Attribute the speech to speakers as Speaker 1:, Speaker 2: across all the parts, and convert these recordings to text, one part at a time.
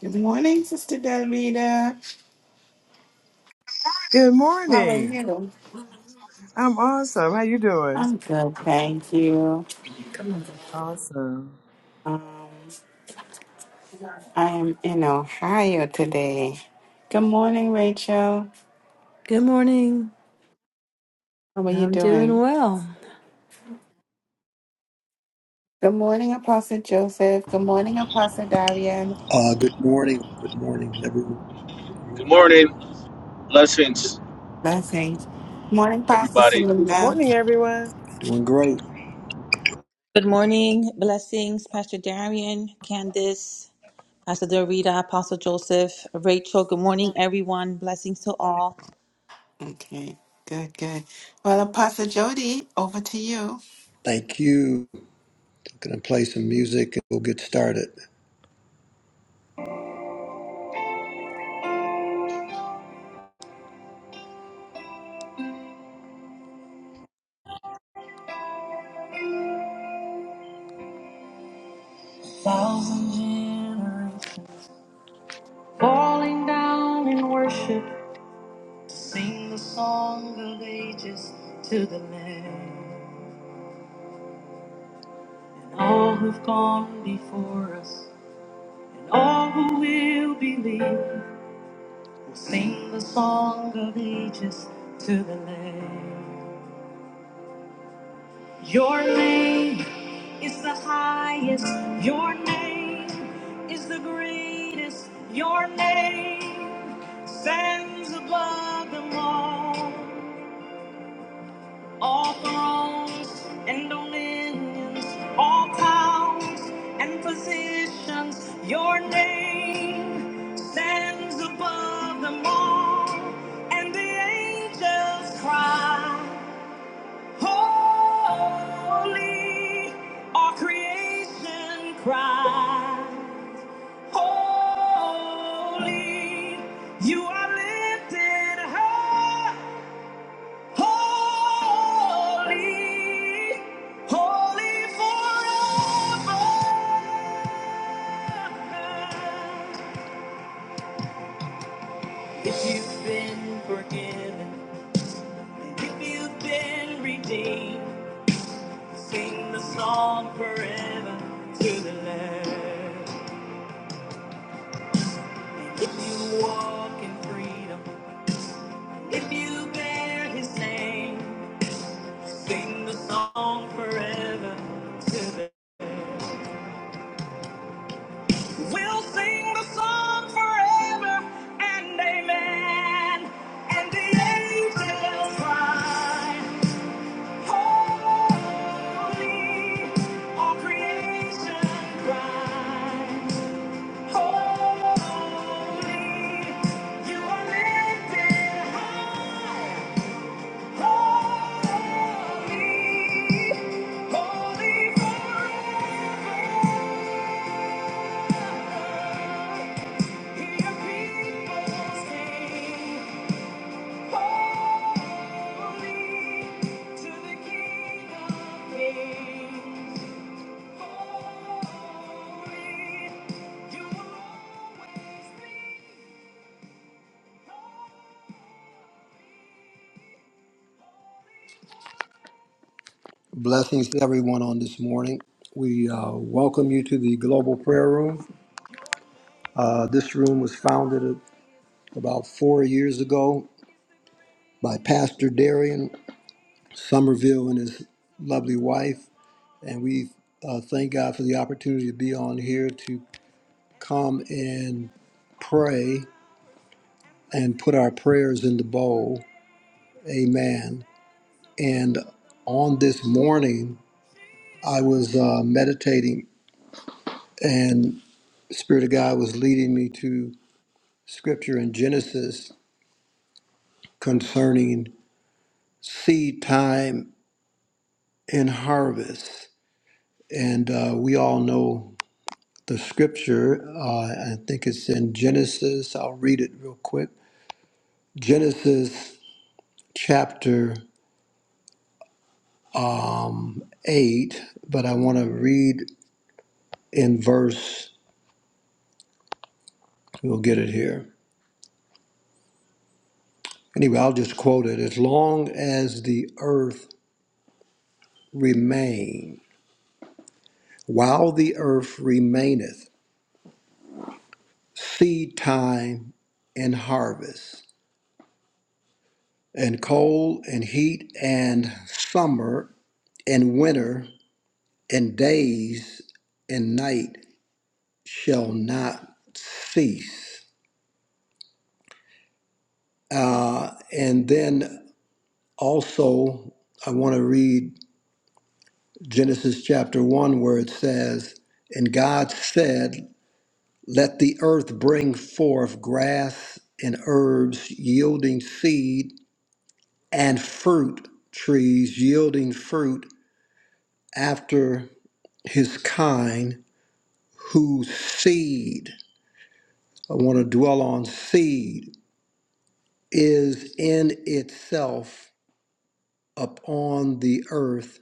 Speaker 1: Good morning, Sister Davida.
Speaker 2: Good
Speaker 1: How are
Speaker 2: morning.
Speaker 1: you?
Speaker 2: I'm awesome. How you doing?
Speaker 1: I'm good, thank you.
Speaker 2: Awesome.
Speaker 1: Um, I am in Ohio today. Good morning, Rachel.
Speaker 3: Good morning.
Speaker 1: How are you
Speaker 3: I'm doing
Speaker 1: doing?
Speaker 3: well.
Speaker 1: Good morning, Apostle Joseph. Good morning, Apostle Darian.
Speaker 4: Uh, good morning. Good morning, everyone. Good
Speaker 5: Good
Speaker 4: morning.
Speaker 5: morning. Blessings,
Speaker 1: Blessings. Morning, Pastor
Speaker 5: everybody.
Speaker 2: Good
Speaker 1: Selena.
Speaker 2: morning, everyone.
Speaker 4: Doing great.
Speaker 6: Good morning. Blessings, Pastor Darian, Candice, Pastor Dorita, Apostle Joseph, Rachel. Good morning, everyone. Blessings to all.
Speaker 1: Okay, good, good. Well, Apostle Jody, over to you.
Speaker 4: Thank you. Gonna play some music and we'll get started. Thousand generations falling down in worship, sing the song of ages to the Lamb. And all who've gone before us, and all who will believe, will sing the song of ages to the Lamb. Your name is the highest. Your name is the greatest. Your name stands above them all. All thrones and dominions, all powers and positions. Your name stands above them all. And the angels cry. Holy, our creation cries. Holy, you are lifted high. Holy, holy forever. If you've been forgiven, if you've been redeemed. Sing the song forever to the Lamb. And if you walk in freedom, if you bear His name, sing the song forever to the. We'll sing the song forever and amen. And the angels cry, holy. All creation cry. Holy, you are Blessings to everyone on this morning. We uh, welcome you to the Global Prayer Room. Uh, this room was founded about four years ago by Pastor Darian Somerville and his lovely wife. And we uh, thank God for the opportunity to be on here to come and pray and put our prayers in the bowl. Amen. And on this morning, I was uh, meditating, and Spirit of God was leading me to scripture in Genesis concerning seed time and harvest. And uh, we all know the scripture. Uh, I think it's in Genesis. I'll read it real quick. Genesis chapter 8, but I want to read in verse, we'll get it here. Anyway, I'll just quote it. As long as the earth remain, while the earth remaineth, seed time and harvest, and cold and heat and summer and winter and days and night shall not cease. And then also, I want to read Genesis chapter 1, where it says, And God said, Let the earth bring forth grass and herbs yielding seed, and fruit trees yielding fruit after his kind whose seed, I want to dwell on seed, is in itself upon the earth,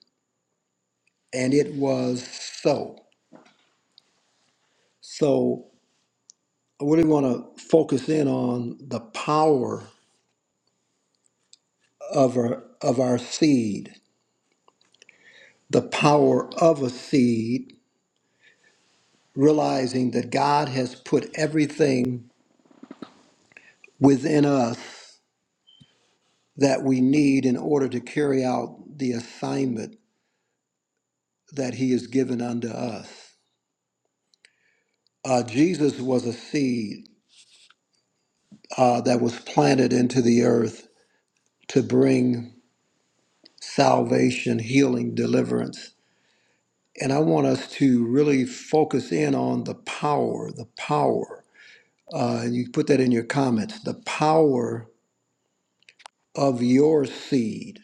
Speaker 4: and it was so. So I really want to focus in on the power of our, of our seed, the power of a seed, realizing that God has put everything within us that we need in order to carry out the assignment that He has given unto us Uh, Jesus was a seed uh, that was planted into the earth to bring salvation, healing, deliverance. And I want us to really focus in on the power, the power. Uh, and you put that in your comments the power of your seed.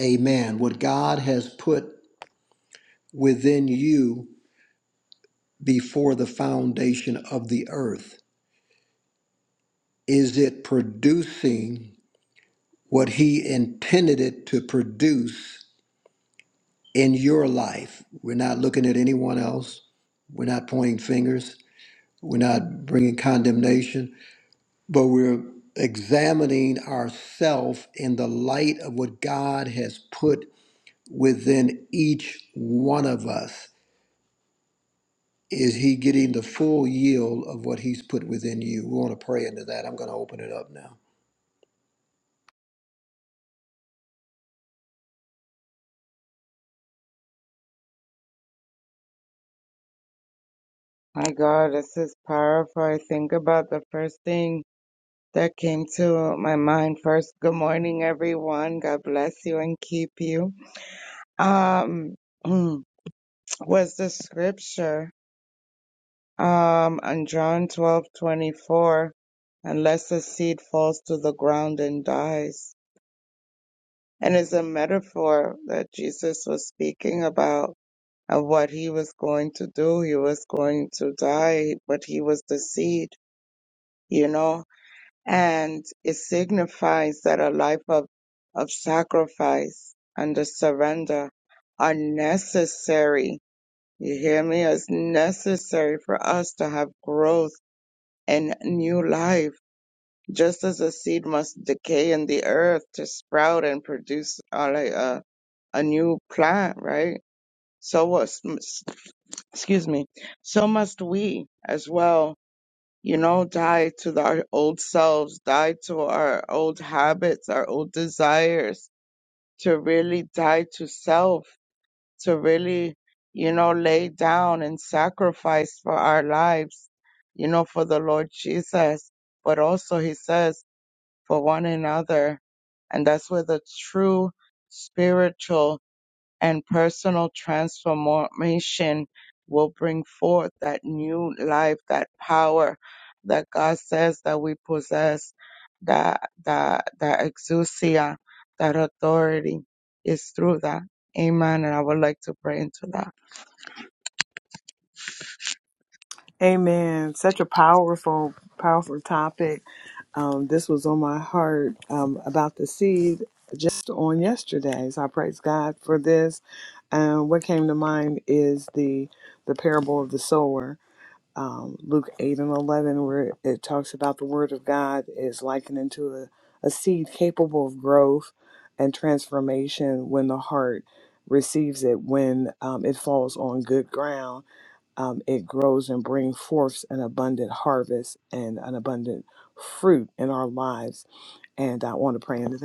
Speaker 4: Amen. What God has put within you before the foundation of the earth. Is it producing what He intended it to produce? in your life. We're not looking at anyone else. We're not pointing fingers. We're not bringing condemnation, but we're examining ourselves in the light of what God has put within each one of us. Is He getting the full yield of what He's put within you? We want to pray into that. I'm going to open it up now.
Speaker 7: My God, this is powerful. I think about the first thing that came to my mind first. Good morning, everyone. God bless you and keep you. Um, was the scripture, um, on John twelve twenty four, unless the seed falls to the ground and dies. And is a metaphor that Jesus was speaking about of what he was going to do. He was going to die, but he was the seed, you know? and it signifies that a life of, of sacrifice and a surrender are necessary. You hear me? It's necessary for us to have growth and new life. Just as a seed must decay in the earth to sprout and produce uh, like a, a new plant, right? So what? Excuse me. So must we as well you know, die to the- our old selves, die to our old habits, our old desires, to really die to self, to really, you know, lay down and sacrifice for our lives, you know, for the Lord Jesus. But also, he says, for one another. And that's where the true spiritual and personal transformation will bring forth that new life, that power that God says that we possess, that that that exousia, that authority is through that. Amen. And I would like to pray into that.
Speaker 2: Amen. Such a powerful, powerful topic. Um, this was on my heart um, about the seed just on yesterday. So I praise God for this. Um, what came to mind is the the parable of the sower. um, Luke 8 and 11, where it talks about the Word of God is likened into a, a seed capable of growth and transformation when the heart receives it, when um, it falls on good ground. Um, it grows and brings forth an abundant harvest and an abundant fruit in our lives. And I want to pray into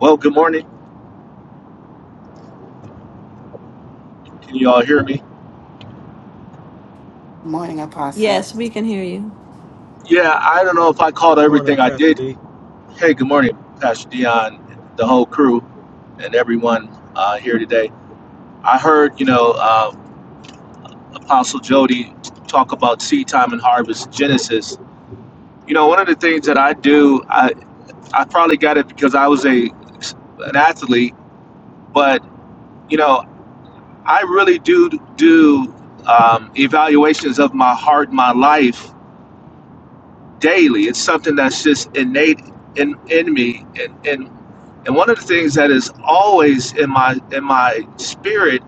Speaker 5: Well, good morning. Can you all hear me?
Speaker 1: Morning, Apostle.
Speaker 3: Yes, we can hear you.
Speaker 5: Yeah, I don't know if I called
Speaker 8: Morning,
Speaker 5: everything I
Speaker 8: Pastor
Speaker 5: did.
Speaker 8: D.
Speaker 5: Hey, good morning, Pastor Dion, the whole crew, and everyone uh, here today. I heard, you know, uh, Apostle Jody talk about seed time and harvest, Genesis. You know, one of the things that I do, I, I probably got it because I was a an athlete, but, you know, I really do do um, evaluations of my heart, my life, daily. It's something that's just innate in in me, and and and one of the things that is always in my in my spirit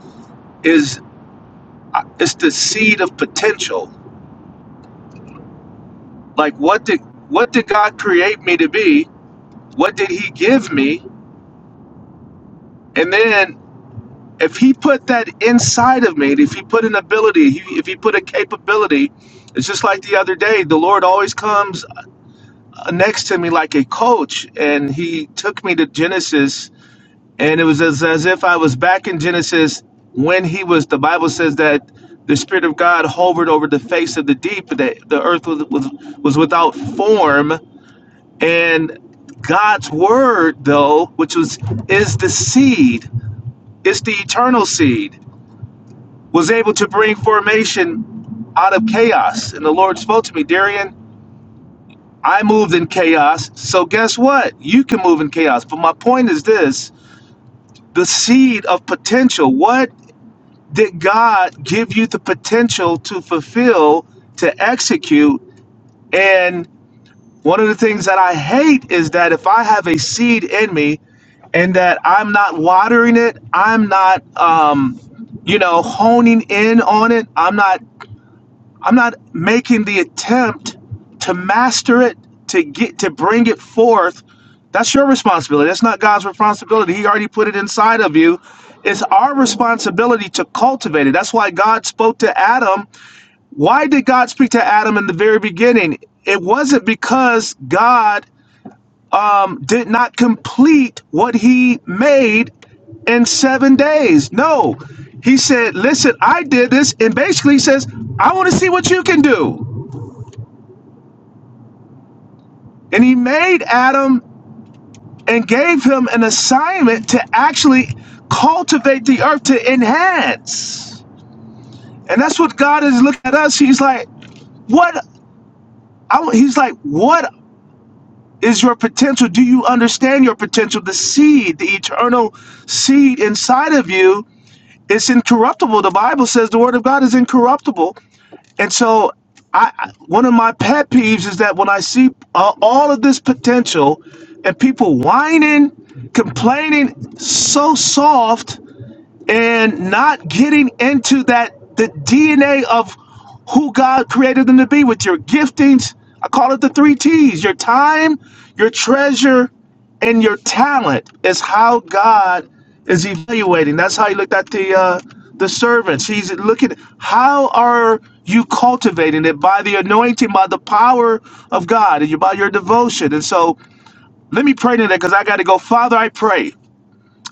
Speaker 5: is uh, it's the seed of potential. Like what did what did God create me to be? What did He give me? And then if He put that inside of me, if He put an ability, if He put a capability. It's just like the other day, the Lord always comes uh, next to me like a coach, and He took me to Genesis And it was as, as if I was back in Genesis when he was, the Bible says that the Spirit of God hovered over the face of the deep, that the earth was, was, was without form. And God's word, though, which was is the seed, it's the eternal seed, was able to bring formation out of chaos. And the Lord spoke to me, Darian, I moved in chaos. So guess what? You can move in chaos. But my point is this the seed of potential. What did God give you the potential to fulfill, to execute? And one of the things that I hate is that if I have a seed in me and that I'm not watering it, I'm not, um, you know, honing in on it, I'm not I'm not making the attempt to master it, to get to bring it forth. That's your responsibility. That's not God's responsibility. He already put it inside of you. It's our responsibility to cultivate it. That's why God spoke to Adam. Why did God speak to Adam in the very beginning? It wasn't because God um, did not complete what he made in seven days. No, he said, Listen, I did this. And basically, he says, I want to see what you can do. And he made Adam and gave him an assignment to actually cultivate the earth to enhance. And that's what God is looking at us. He's like, what? I, he's like, what is your potential? Do you understand your potential? The seed, the eternal seed inside of you, it's incorruptible. The Bible says the word of God is incorruptible. And so, I I- one of my pet peeves is that when I see uh, all of this potential and people whining, complaining, so soft and not getting into that the DNA of who God created them to be with your giftings. I call it the three T's your time, your treasure, and your talent is how God is evaluating. That's how he looked at the uh, the servants. He's looking how are you cultivating it by the anointing, by the power of God, and you by your devotion. And so let me pray today because I got to go. Father, I pray.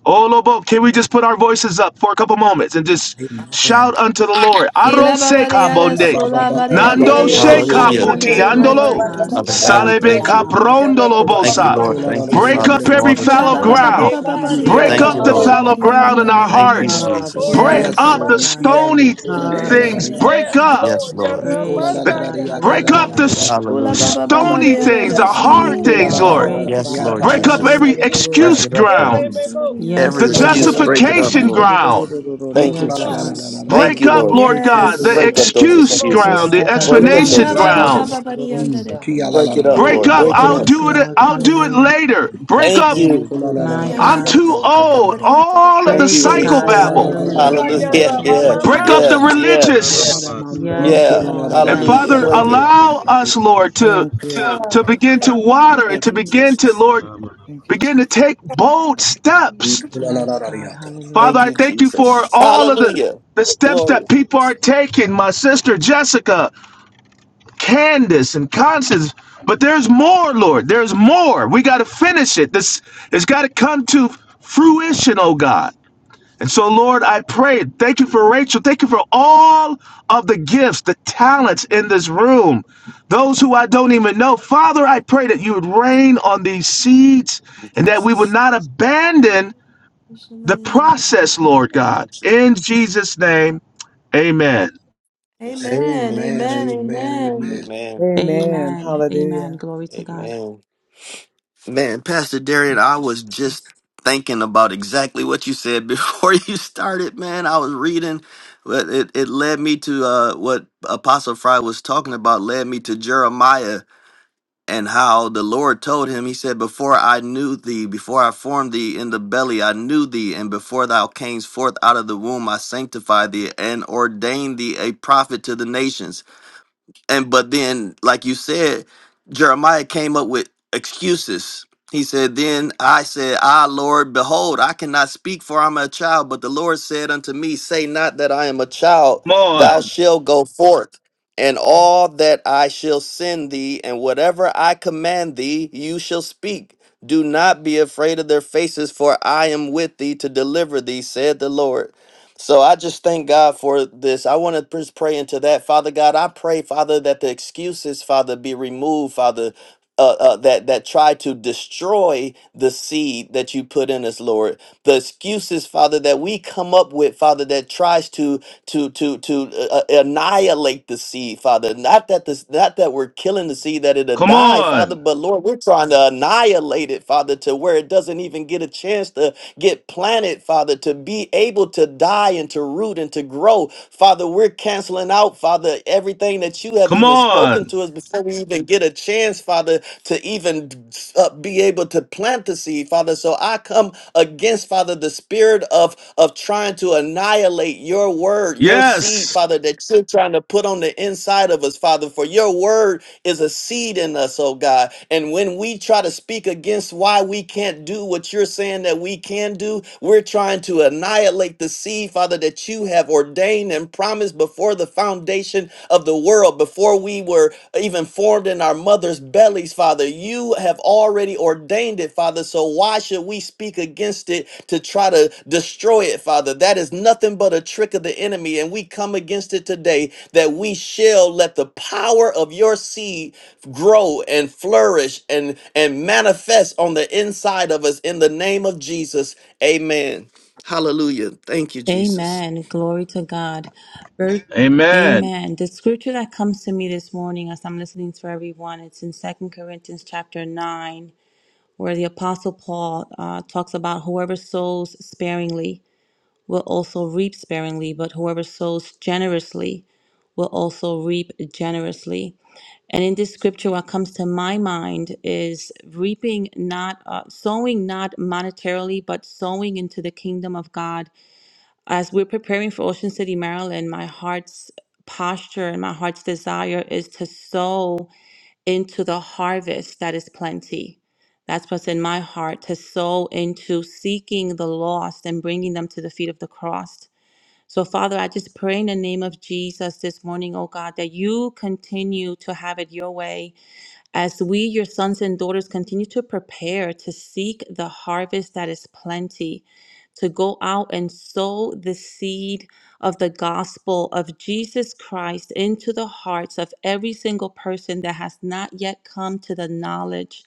Speaker 5: Oh, Lobo, can we just put our voices up for a couple moments and just
Speaker 4: Amen.
Speaker 5: shout unto the Lord?
Speaker 3: Kila
Speaker 5: Arose
Speaker 3: babadiada
Speaker 5: kabonde,
Speaker 2: that.
Speaker 3: sola
Speaker 6: Thank you,
Speaker 3: badiada da
Speaker 5: nando
Speaker 9: Eh,
Speaker 3: ko
Speaker 5: she
Speaker 6: Jesus.
Speaker 9: Baba
Speaker 3: somebody
Speaker 10: Hallelujah.
Speaker 3: under
Speaker 5: kaputi
Speaker 6: Hallelujah.
Speaker 3: the- my
Speaker 6: Glory
Speaker 9: Masier,
Speaker 6: to
Speaker 3: heart
Speaker 5: andolo,
Speaker 6: God.
Speaker 9: Baba
Speaker 10: Father
Speaker 3: rejoices in your
Speaker 9: Baba
Speaker 10: God, we
Speaker 2: Hallelujah. Hallelujah.
Speaker 5: salebe
Speaker 9: Diar,
Speaker 10: thank
Speaker 3: salvation.
Speaker 10: you.
Speaker 5: kaprondolo
Speaker 9: Baba Baba
Speaker 10: Thank you,
Speaker 5: bosa.
Speaker 10: Lord.
Speaker 6: Yes,
Speaker 10: Thank you,
Speaker 9: Masier.
Speaker 5: Break
Speaker 6: God.
Speaker 10: Father,
Speaker 5: up
Speaker 4: Amen.
Speaker 10: for
Speaker 6: Kira
Speaker 5: every
Speaker 10: all
Speaker 6: wo
Speaker 10: that
Speaker 3: Kula
Speaker 10: you've
Speaker 5: fallow
Speaker 6: son te
Speaker 10: done.
Speaker 6: re re
Speaker 5: ground.
Speaker 9: Ye
Speaker 4: Yes,
Speaker 6: Father.
Speaker 3: bababababadiada
Speaker 5: Break
Speaker 3: da
Speaker 9: Bandiara,
Speaker 10: Thank you,
Speaker 5: up
Speaker 3: ko
Speaker 5: the
Speaker 9: Baba
Speaker 6: Hallelujah.
Speaker 10: Lord.
Speaker 5: fallow
Speaker 9: Baba
Speaker 3: somebody under
Speaker 9: Baba
Speaker 5: ground in
Speaker 3: the-
Speaker 5: our
Speaker 3: the-
Speaker 10: Thank you,
Speaker 9: Masier.
Speaker 5: hearts.
Speaker 3: the-
Speaker 6: Yes,
Speaker 3: the-
Speaker 9: Oh
Speaker 10: Jesus.
Speaker 6: Lord.
Speaker 9: yeah,
Speaker 5: Break
Speaker 6: Break it
Speaker 3: Yes.
Speaker 5: up
Speaker 9: Baba
Speaker 6: up,
Speaker 4: Lord.
Speaker 5: the
Speaker 6: God.
Speaker 9: Masier.
Speaker 5: stony
Speaker 4: Ikiando kola la la la la
Speaker 5: things.
Speaker 3: Radiation,
Speaker 5: Break
Speaker 9: Yes
Speaker 4: riata.
Speaker 3: radiation,
Speaker 5: up
Speaker 10: Yes,
Speaker 9: Lord,
Speaker 3: prints
Speaker 9: yeah
Speaker 10: Lord.
Speaker 4: Ikola
Speaker 6: Break
Speaker 3: tips.
Speaker 9: Mama,
Speaker 4: la
Speaker 6: it,
Speaker 5: the
Speaker 4: la la
Speaker 6: God.
Speaker 9: yeah
Speaker 4: riata
Speaker 5: break
Speaker 4: la
Speaker 9: Rosa,
Speaker 4: la
Speaker 5: up
Speaker 4: la
Speaker 5: the
Speaker 6: Hallelujah.
Speaker 5: s-
Speaker 9: yeah
Speaker 4: riata.
Speaker 9: Baba.
Speaker 3: Kula
Speaker 10: Hallelujah.
Speaker 4: Mm,
Speaker 5: stony
Speaker 4: kola
Speaker 3: babababadiada
Speaker 5: things,
Speaker 3: da
Speaker 5: the
Speaker 3: somebody
Speaker 5: hard
Speaker 3: under
Speaker 5: things,
Speaker 4: la la la.
Speaker 3: the-
Speaker 4: Ikola
Speaker 5: Lord.
Speaker 4: la
Speaker 9: Oh
Speaker 6: Break
Speaker 4: la la la la
Speaker 6: it,
Speaker 10: Yes,
Speaker 6: God.
Speaker 4: riata
Speaker 10: Lord
Speaker 4: la
Speaker 5: Break
Speaker 9: God,
Speaker 4: la la
Speaker 5: up
Speaker 4: la
Speaker 10: Jesus.
Speaker 5: every
Speaker 6: Hallelujah.
Speaker 4: riata.
Speaker 10: Break
Speaker 9: Jesus,
Speaker 5: excuse
Speaker 10: it up, Lord.
Speaker 9: baby,
Speaker 5: ground
Speaker 3: the-
Speaker 9: baby,
Speaker 3: somebody under
Speaker 9: see ya,
Speaker 5: the
Speaker 10: Every
Speaker 3: the-
Speaker 6: Yes,
Speaker 4: O
Speaker 3: the-
Speaker 6: Lord.
Speaker 10: excuse,
Speaker 4: kola la
Speaker 10: break
Speaker 4: la
Speaker 10: it
Speaker 4: la
Speaker 10: up,
Speaker 4: ba
Speaker 5: justification
Speaker 4: ba.
Speaker 10: Lord.
Speaker 5: ground.
Speaker 10: Thank you,
Speaker 4: Ikola
Speaker 6: Yes,
Speaker 4: la la
Speaker 9: Jesus.
Speaker 4: la
Speaker 6: God.
Speaker 4: la la
Speaker 10: Jesus.
Speaker 4: la
Speaker 10: Thank
Speaker 5: Break
Speaker 10: you,
Speaker 5: up,
Speaker 4: riata.
Speaker 2: Thank
Speaker 10: Lord.
Speaker 5: Lord
Speaker 2: you,
Speaker 4: Thank
Speaker 5: God,
Speaker 4: you,
Speaker 2: Jesus.
Speaker 5: the
Speaker 3: Yes.
Speaker 10: Break
Speaker 4: Lord.
Speaker 10: up those
Speaker 9: Yes
Speaker 5: excuse
Speaker 9: Lord,
Speaker 5: ground,
Speaker 6: Break
Speaker 10: excuses.
Speaker 5: the
Speaker 6: it, God, in
Speaker 10: Break up
Speaker 9: yes
Speaker 10: those
Speaker 3: Kila
Speaker 4: Mm,
Speaker 5: explanation
Speaker 6: Jesus' name.
Speaker 9: Lord.
Speaker 5: ground.
Speaker 10: excuses.
Speaker 3: babababadiada da
Speaker 4: mm.
Speaker 3: ko
Speaker 4: Kia la la
Speaker 10: Break it
Speaker 4: la la
Speaker 10: up,
Speaker 4: la
Speaker 9: Oh
Speaker 5: Break
Speaker 3: somebody.
Speaker 10: Lord.
Speaker 4: ba
Speaker 5: up,
Speaker 4: ba
Speaker 10: Break it
Speaker 4: ba
Speaker 5: I'll
Speaker 9: glory,
Speaker 10: up.
Speaker 6: Yes,
Speaker 5: do
Speaker 4: shata.
Speaker 5: it,
Speaker 6: Lord.
Speaker 5: I'll do it
Speaker 6: Hallelujah.
Speaker 5: later. Break
Speaker 10: Thank
Speaker 5: up,
Speaker 2: Thank
Speaker 10: you.
Speaker 4: Ikola
Speaker 2: you,
Speaker 4: la la
Speaker 2: Abba.
Speaker 6: My
Speaker 4: la
Speaker 3: Bariya
Speaker 4: la
Speaker 5: I'm
Speaker 2: Abba.
Speaker 6: God.
Speaker 3: shoto
Speaker 9: Jesus,
Speaker 4: riata
Speaker 5: too
Speaker 3: ko
Speaker 4: la la la
Speaker 3: kaka
Speaker 5: old.
Speaker 4: la.
Speaker 3: bariya tara ko.
Speaker 5: All of the
Speaker 10: Thank
Speaker 6: Great
Speaker 10: you,
Speaker 6: good
Speaker 4: O
Speaker 6: God.
Speaker 10: Jesus.
Speaker 4: kola
Speaker 2: Ah,
Speaker 4: la
Speaker 5: psychobabble.
Speaker 4: la la la
Speaker 2: the
Speaker 6: Hallelujah.
Speaker 9: yeah,
Speaker 10: Hallelujah.
Speaker 4: la
Speaker 9: yeah,
Speaker 6: Thank
Speaker 4: ba
Speaker 6: you,
Speaker 3: Kola
Speaker 4: ba
Speaker 3: la
Speaker 4: ba
Speaker 3: la
Speaker 10: Yeah,
Speaker 4: ba
Speaker 9: Baba
Speaker 3: la.
Speaker 2: Lord,
Speaker 6: Jesus.
Speaker 5: Break
Speaker 4: shata
Speaker 5: up
Speaker 4: la
Speaker 5: the
Speaker 9: Masier.
Speaker 10: yeah,
Speaker 4: la
Speaker 10: yeah,
Speaker 4: la.
Speaker 5: religious.
Speaker 8: Ra-ba-ba-ba-si.
Speaker 2: Aramandara.
Speaker 4: Amen,
Speaker 6: Yes,
Speaker 10: yeah.
Speaker 4: amen,
Speaker 6: Lord.
Speaker 5: And
Speaker 10: Hallelujah.
Speaker 5: Father,
Speaker 6: Yes.
Speaker 10: Break it.
Speaker 2: Dudurusha.
Speaker 5: allow us, Lord,
Speaker 8: Ribbit-shit-tikit-basa.
Speaker 5: to
Speaker 2: Thank you.
Speaker 5: to
Speaker 3: Bariya
Speaker 5: begin to
Speaker 3: kola la la.
Speaker 5: water and
Speaker 10: Thank
Speaker 5: to
Speaker 10: you,
Speaker 5: begin to,
Speaker 10: Jesus.
Speaker 5: Lord,
Speaker 8: Ra-ma-ma.
Speaker 2: Thank you,
Speaker 5: begin to
Speaker 2: Jesus.
Speaker 5: take bold steps.
Speaker 6: Yes, God.
Speaker 5: Father,
Speaker 10: Thank
Speaker 6: Hallelujah.
Speaker 5: I
Speaker 10: you,
Speaker 5: thank you for
Speaker 10: Jesus.
Speaker 5: all of the
Speaker 10: Hallelujah.
Speaker 5: the steps
Speaker 10: Glory.
Speaker 5: that people are taking. My sister Jessica, Candace and Constance. But there's more, Lord. There's more. We got to finish it. This it's got to come to fruition, oh God. And so, Lord, I pray. Thank you for Rachel. Thank you for all of the gifts, the talents in this room. Those who I don't even know. Father, I pray that you would rain on these seeds
Speaker 10: Thank you,
Speaker 5: and that we would
Speaker 10: Jesus.
Speaker 5: not abandon the process, Lord
Speaker 10: Thank you,
Speaker 5: God.
Speaker 10: Jesus.
Speaker 5: In Jesus' name, amen.
Speaker 10: Yes, Lord.
Speaker 3: Amen,
Speaker 10: Thank you,
Speaker 3: amen,
Speaker 10: Jesus.
Speaker 3: amen.
Speaker 4: amen.
Speaker 10: Amen.
Speaker 2: Amen.
Speaker 6: Amen. Amen.
Speaker 2: Hallelujah.
Speaker 6: Glory to God.
Speaker 10: Amen. Man, Pastor Darian,
Speaker 6: Thank
Speaker 10: I
Speaker 6: you,
Speaker 10: was just
Speaker 6: Jesus.
Speaker 10: thinking about exactly what you said before you started, man. I was reading, but it, it led me to uh, what Apostle Fry was talking about, led me to Jeremiah and how the Lord told him, He said, Before I knew thee, before I formed thee in the belly, I knew thee, and before thou camest forth out of the womb, I sanctified thee and ordained thee a prophet to the nations and but then like you said jeremiah came up with excuses he said then i said ah lord behold i cannot speak for i'm a child but the lord said unto me say not that i am a child
Speaker 5: Come
Speaker 10: thou
Speaker 5: on.
Speaker 10: shalt go forth and all that i shall send thee and whatever i command thee you shall speak do not be afraid of their faces for i am with thee to deliver thee said the lord so I just thank God for this. I want to just pray into that. Father God, I pray, Father, that the excuses, Father, be removed, Father. Uh, uh, that that try to destroy the seed that you put in us, Lord. The excuses, Father, that we come up with, Father, that tries to to to to uh, uh, annihilate the seed, Father. Not that this, not that we're killing the seed that it'll
Speaker 5: Come
Speaker 10: die, Father,
Speaker 5: on.
Speaker 10: but Lord, we're trying to annihilate it, Father, to where it doesn't even get a chance to get planted, Father, to be able to die and to root and to grow. Father, we're canceling out, Father, everything that you have
Speaker 5: Come
Speaker 10: even
Speaker 5: on.
Speaker 10: spoken to us before we get a chance, Father, to even uh, be a plant 'em against spirit of of trying to annihilate your word, your seed,
Speaker 5: Yes.
Speaker 10: Father, that you're trying to put on the inside of us, Father, for your word is a seed in us, oh God. And when we try to speak against why we can't do what you're saying that we can do, we're trying to annihilate the seed, Father, that you have ordained and promised before the foundation of the world, before we were even formed in our mother's bellies, Father. You have already ordained it, Father. So why should we speak against it to try to destroy it, Father? That is nothing but a trick of the enemy. And we come against it today that we shall let the power of your seed grow and flourish and, and manifest on the inside of us in the name of Jesus. Amen. Hallelujah. Thank you, Jesus.
Speaker 6: Amen. Glory to God. Very-
Speaker 5: Amen.
Speaker 6: Amen. The scripture that comes to me this morning as I'm listening to everyone, it's in Second Corinthians chapter 9, where the Apostle Paul uh, talks about whoever sows sparingly. will also reap sparingly, but whoever sows generously will also reap generously. And in this scripture, what comes to my mind is reaping not, uh, sowing not monetarily, but sowing into the kingdom of God. As we're preparing for Ocean City, Maryland, my heart's posture and my heart's desire is to sow into the harvest that is plenty. That's what's in my heart to sow into seeking the lost and bringing them to the feet of the cross. So, Father, I just pray in the name of Jesus this morning, oh God, that you continue to have it your way as we, your sons and daughters, continue to prepare to seek the harvest that is plenty, to go out and sow the seed of the gospel of Jesus Christ into the hearts of every single person that has not yet come to the knowledge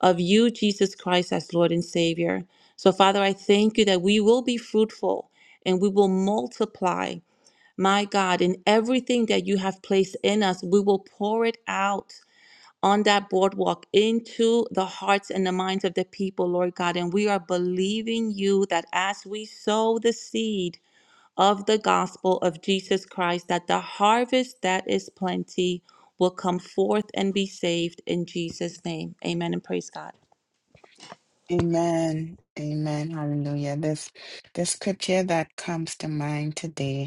Speaker 6: of you, Jesus Christ, as Lord and Savior. So, Father, I thank you that we will be fruitful and we will multiply my God, in everything that you have placed in us, we will pour it out on that boardwalk into the hearts and the minds of the people, Lord God. And we are believing you that as we sow the seed of the gospel of Jesus Christ, that the harvest that is plenty will come forth and be saved in Jesus' name. Amen and praise God.
Speaker 1: Amen. Amen. Hallelujah. This the scripture that comes to mind today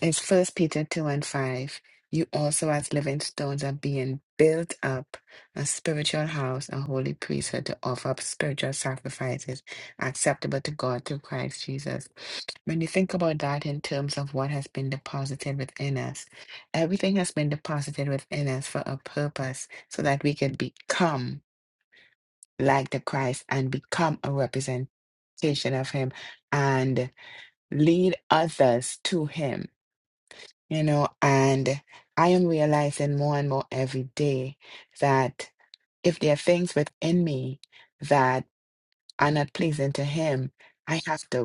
Speaker 1: It's First Peter 2 and 5. You also, as living stones, are being built up a spiritual house, a holy priesthood to offer up spiritual sacrifices acceptable to God through Christ Jesus. When you think about that in terms of what has been deposited within us, everything has been deposited within us for a purpose so that we can become like the Christ and become a representation of Him and lead others to Him you know, and I am realizing more and more every day that if there are things within me that are not pleasing to Him, I have to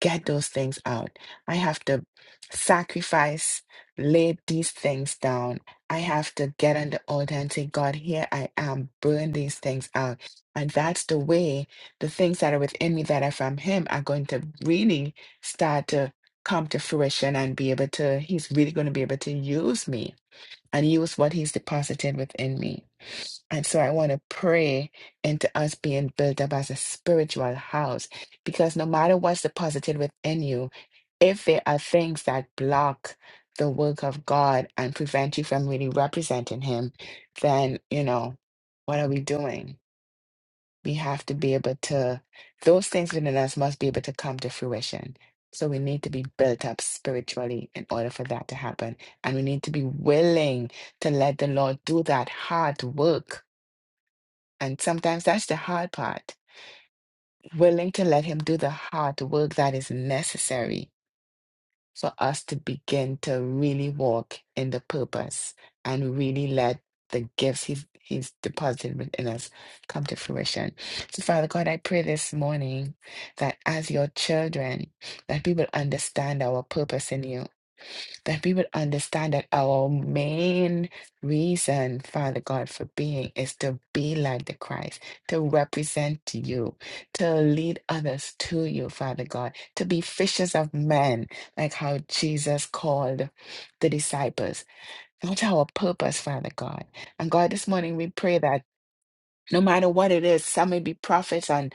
Speaker 1: get those things out. I have to sacrifice, lay these things down. I have to get on the altar and say, God, here I am, burn these things out. And that's the way the things that are within me that are from Him are going to really start to come to fruition and be able to, He's really going to be able to use me and use what He's deposited within me. And so I want to pray into us being built up as a spiritual house because no matter what's deposited within you, if there are things that block the work of God and prevent you from really representing Him, then, you know, what are we doing? We have to be able to, those things within us must be able to come to fruition. So we need to be built up spiritually in order for that to happen. And we need to be willing to let the Lord do that hard work and sometimes that's the hard part. Willing to let Him do the hard work that is necessary for us to begin to really walk in the purpose and really let the gifts He's, he's deposited within us come to fruition. So, Father God, I pray this morning that as your children, that we will understand our purpose in you that we would understand that our main reason, Father God, for being is to be like the Christ, to represent you, to lead others to you, Father God, to be fishers of men, like how Jesus called the disciples. That's our purpose, Father God. And God, this morning we pray that. No matter what it is, some may be prophets and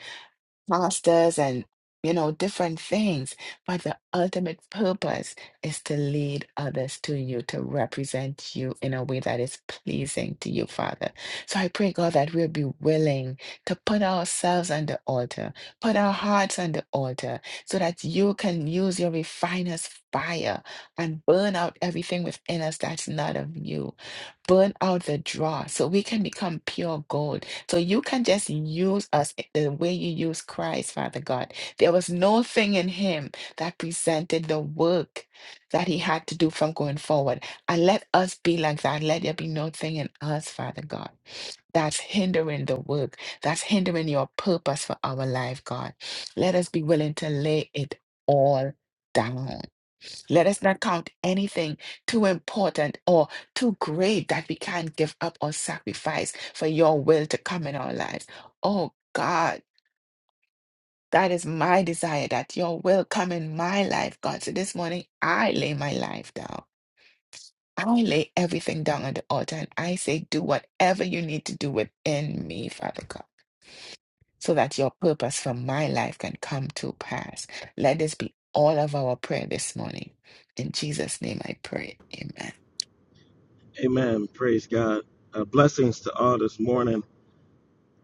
Speaker 1: pastors and you know different things but the ultimate purpose is to lead others to you to represent you in a way that is pleasing to you father so i pray god that we'll be willing to put ourselves on the altar put our hearts on the altar so that you can use your refiner's fire and burn out everything within us that's not of you burn out the dross so we can become pure gold. So you can just use us the way you use Christ, Father God. There was no thing in him that presented the work that he had to do from going forward. And let us be like that. Let there be no thing in us, Father God, that's hindering the work, that's hindering your purpose for our life, God. Let us be willing to lay it all down. Let us not count anything too important or too great that we can't give up or sacrifice for your will to come in our lives. Oh God, that is my desire that your will come in my life, God. So this morning, I lay my life down. I lay everything down on the altar and I say, do whatever you need to do within me, Father God, so that your purpose for my life can come to pass. Let this be all of our prayer this morning. In Jesus' name I pray. Amen.
Speaker 8: Amen. Praise God. Uh, blessings to all this morning.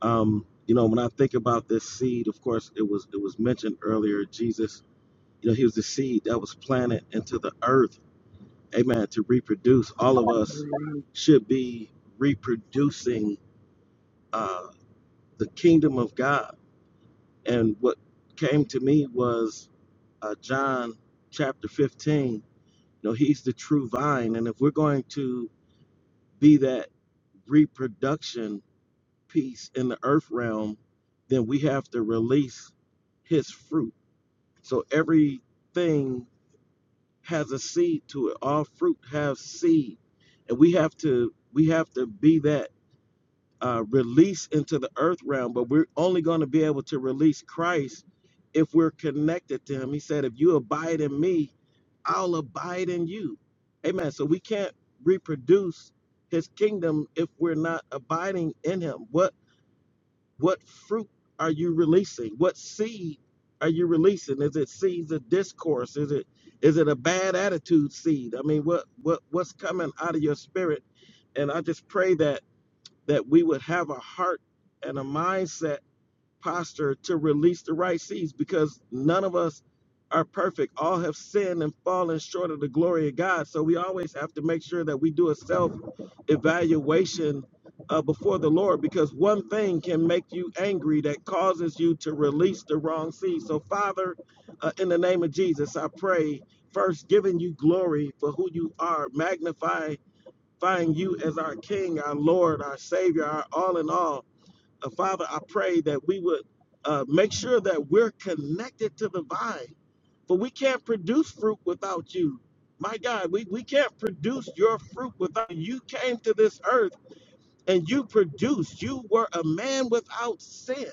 Speaker 8: Um, you know, when I think about this seed, of course, it was it was mentioned earlier. Jesus, you know, he was the seed that was planted into the earth. Amen. To reproduce, all of us
Speaker 7: Amen.
Speaker 8: should be reproducing uh, the kingdom of God. And what came to me was uh, John chapter 15 No, he's the true vine. And if we're going to be that reproduction piece in the earth realm, then we have to release his fruit. So everything has a seed to it. All fruit has seed. And we have to we have to be that uh, release into the earth realm, but we're only going to be able to release Christ if we're connected to Him. He said, If you abide in me, I'll abide in you. Amen. So we can't reproduce His kingdom if we're not abiding in Him. What what fruit are you releasing? What seed are you releasing? Is it seeds of discourse? Is it is it a bad attitude seed? I mean, what what what's coming out of your spirit? And I just pray that that we would have a heart and a mindset posture to release the right seeds because none of us are perfect. All have sinned and fallen short of the glory of God. So we always have to make sure that we do a self evaluation uh, before the Lord because one thing can make you angry that causes you to release the wrong seed. So, Father, uh, in the name of Jesus, I pray first giving you glory for who you are, magnify find you as our King, our Lord, our Savior, our all in all. Uh, Father, I pray that we would uh, make sure that we're connected to the vine, for we can't produce fruit without you. My God, we, we can't produce your fruit without you You came to this earth and you produced. You were a man without sin.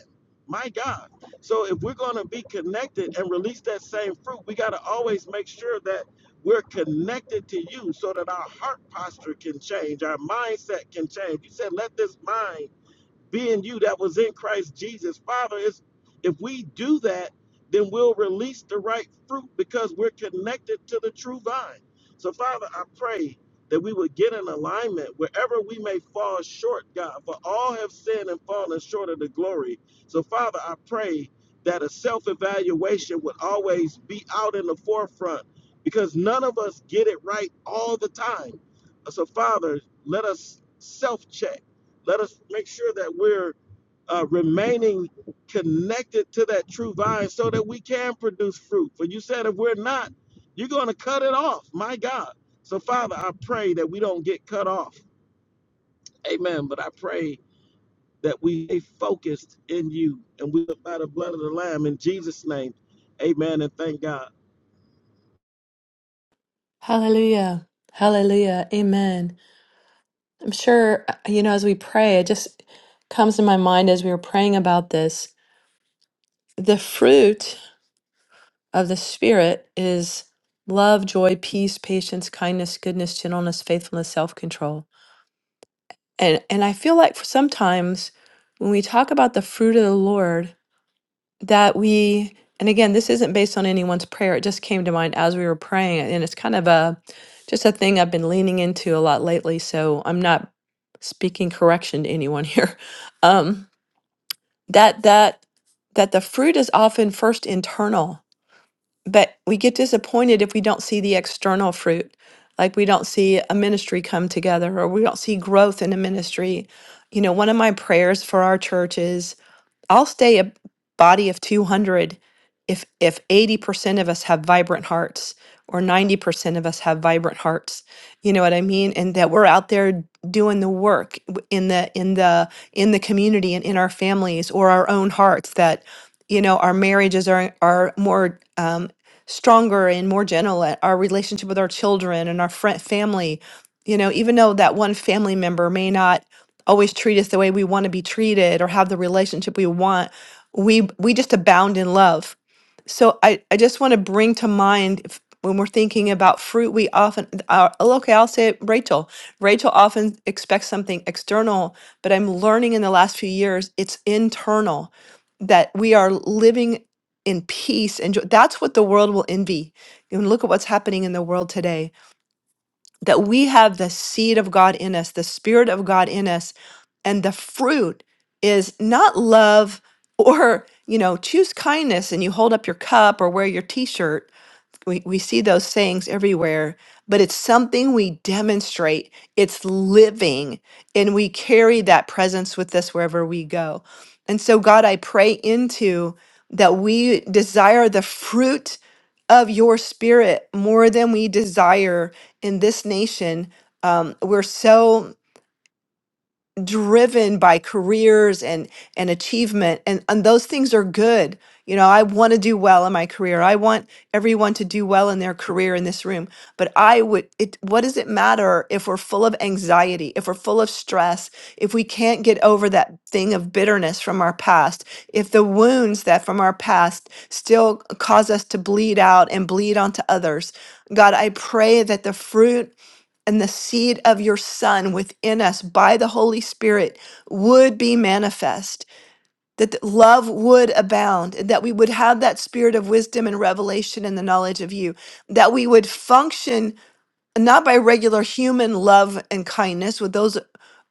Speaker 8: My God. So if we're going to be connected and release that same fruit, we got to always make sure that we're connected to you so that our heart posture can change, our mindset can change. You said, let this mind being you that was in Christ Jesus. Father, is if we do that, then we'll release the right fruit because we're connected to the true vine. So, Father, I pray that we would get in alignment wherever we may fall short, God, for all have sinned and fallen short of the glory. So, Father, I pray that a self evaluation would always be out in the forefront because none of us get it right all the time. So, Father, let us self check let us make sure that we're uh, remaining connected to that true vine so that we can produce fruit. For you said if we're not, you're going to cut it off. My God. So, Father, I pray that we don't get cut off. Amen. But I pray that we stay focused in you and we live by the blood of the Lamb in Jesus' name. Amen. And thank God.
Speaker 3: Hallelujah, hallelujah, amen. I'm sure, you know, as we pray, it just comes to my mind as we were praying about this. The fruit of the Spirit is love, joy, peace, patience, kindness, goodness, gentleness, faithfulness, self control And and I feel like for sometimes when we talk about the fruit of the Lord, that we and again, this isn't based on anyone's prayer. It just came to mind as we were praying, and it's kind of a just a thing I've been leaning into a lot lately. So I'm not speaking correction to anyone here. Um, that that that the fruit is often first internal but we get disappointed if we don't see the external fruit like we don't see a ministry come together or we don't see growth in a ministry you know one of my prayers for our churches I'll stay a body of 200 if if 80% of us have vibrant hearts or 90% of us have vibrant hearts. You know what I mean? And that we're out there doing the work w- in the in the in the community and in our families or our own hearts that you know our marriages are are more um stronger and more gentle at our relationship with our children and our friend family you know even though that one family member may not always treat us the way we want to be treated or have the relationship we want we we just abound in love so i i just want to bring to mind if, when we're thinking about fruit we often uh, oh, okay i'll say it, rachel rachel often expects something external but i'm learning in the last few years it's internal that we are living in peace and joy. that's what the world will envy and look at what's happening in the world today that we have the seed of God in us, the Spirit of God in us, and the fruit is not love or, you know, choose kindness and you hold up your cup or wear your t shirt we, we see those sayings everywhere, but it's something we demonstrate. It's living, and we carry that presence with us wherever we go. And so, God, I pray into that we desire the fruit of your spirit more than we desire in this nation. Um, we're so driven by careers and and achievement and and those things are good you know i want to do well in my career i want everyone to do well in their career in this room but i would it what does it matter if we're full of anxiety if we're full of stress if we can't get over that thing of bitterness from our past if the wounds that from our past still cause us to bleed out and bleed onto others god i pray that the fruit and the seed of your Son within us by the Holy Spirit would be manifest, that the love would abound, and that we would have that spirit of wisdom and revelation and the knowledge of you, that we would function and not by regular human love and kindness, with those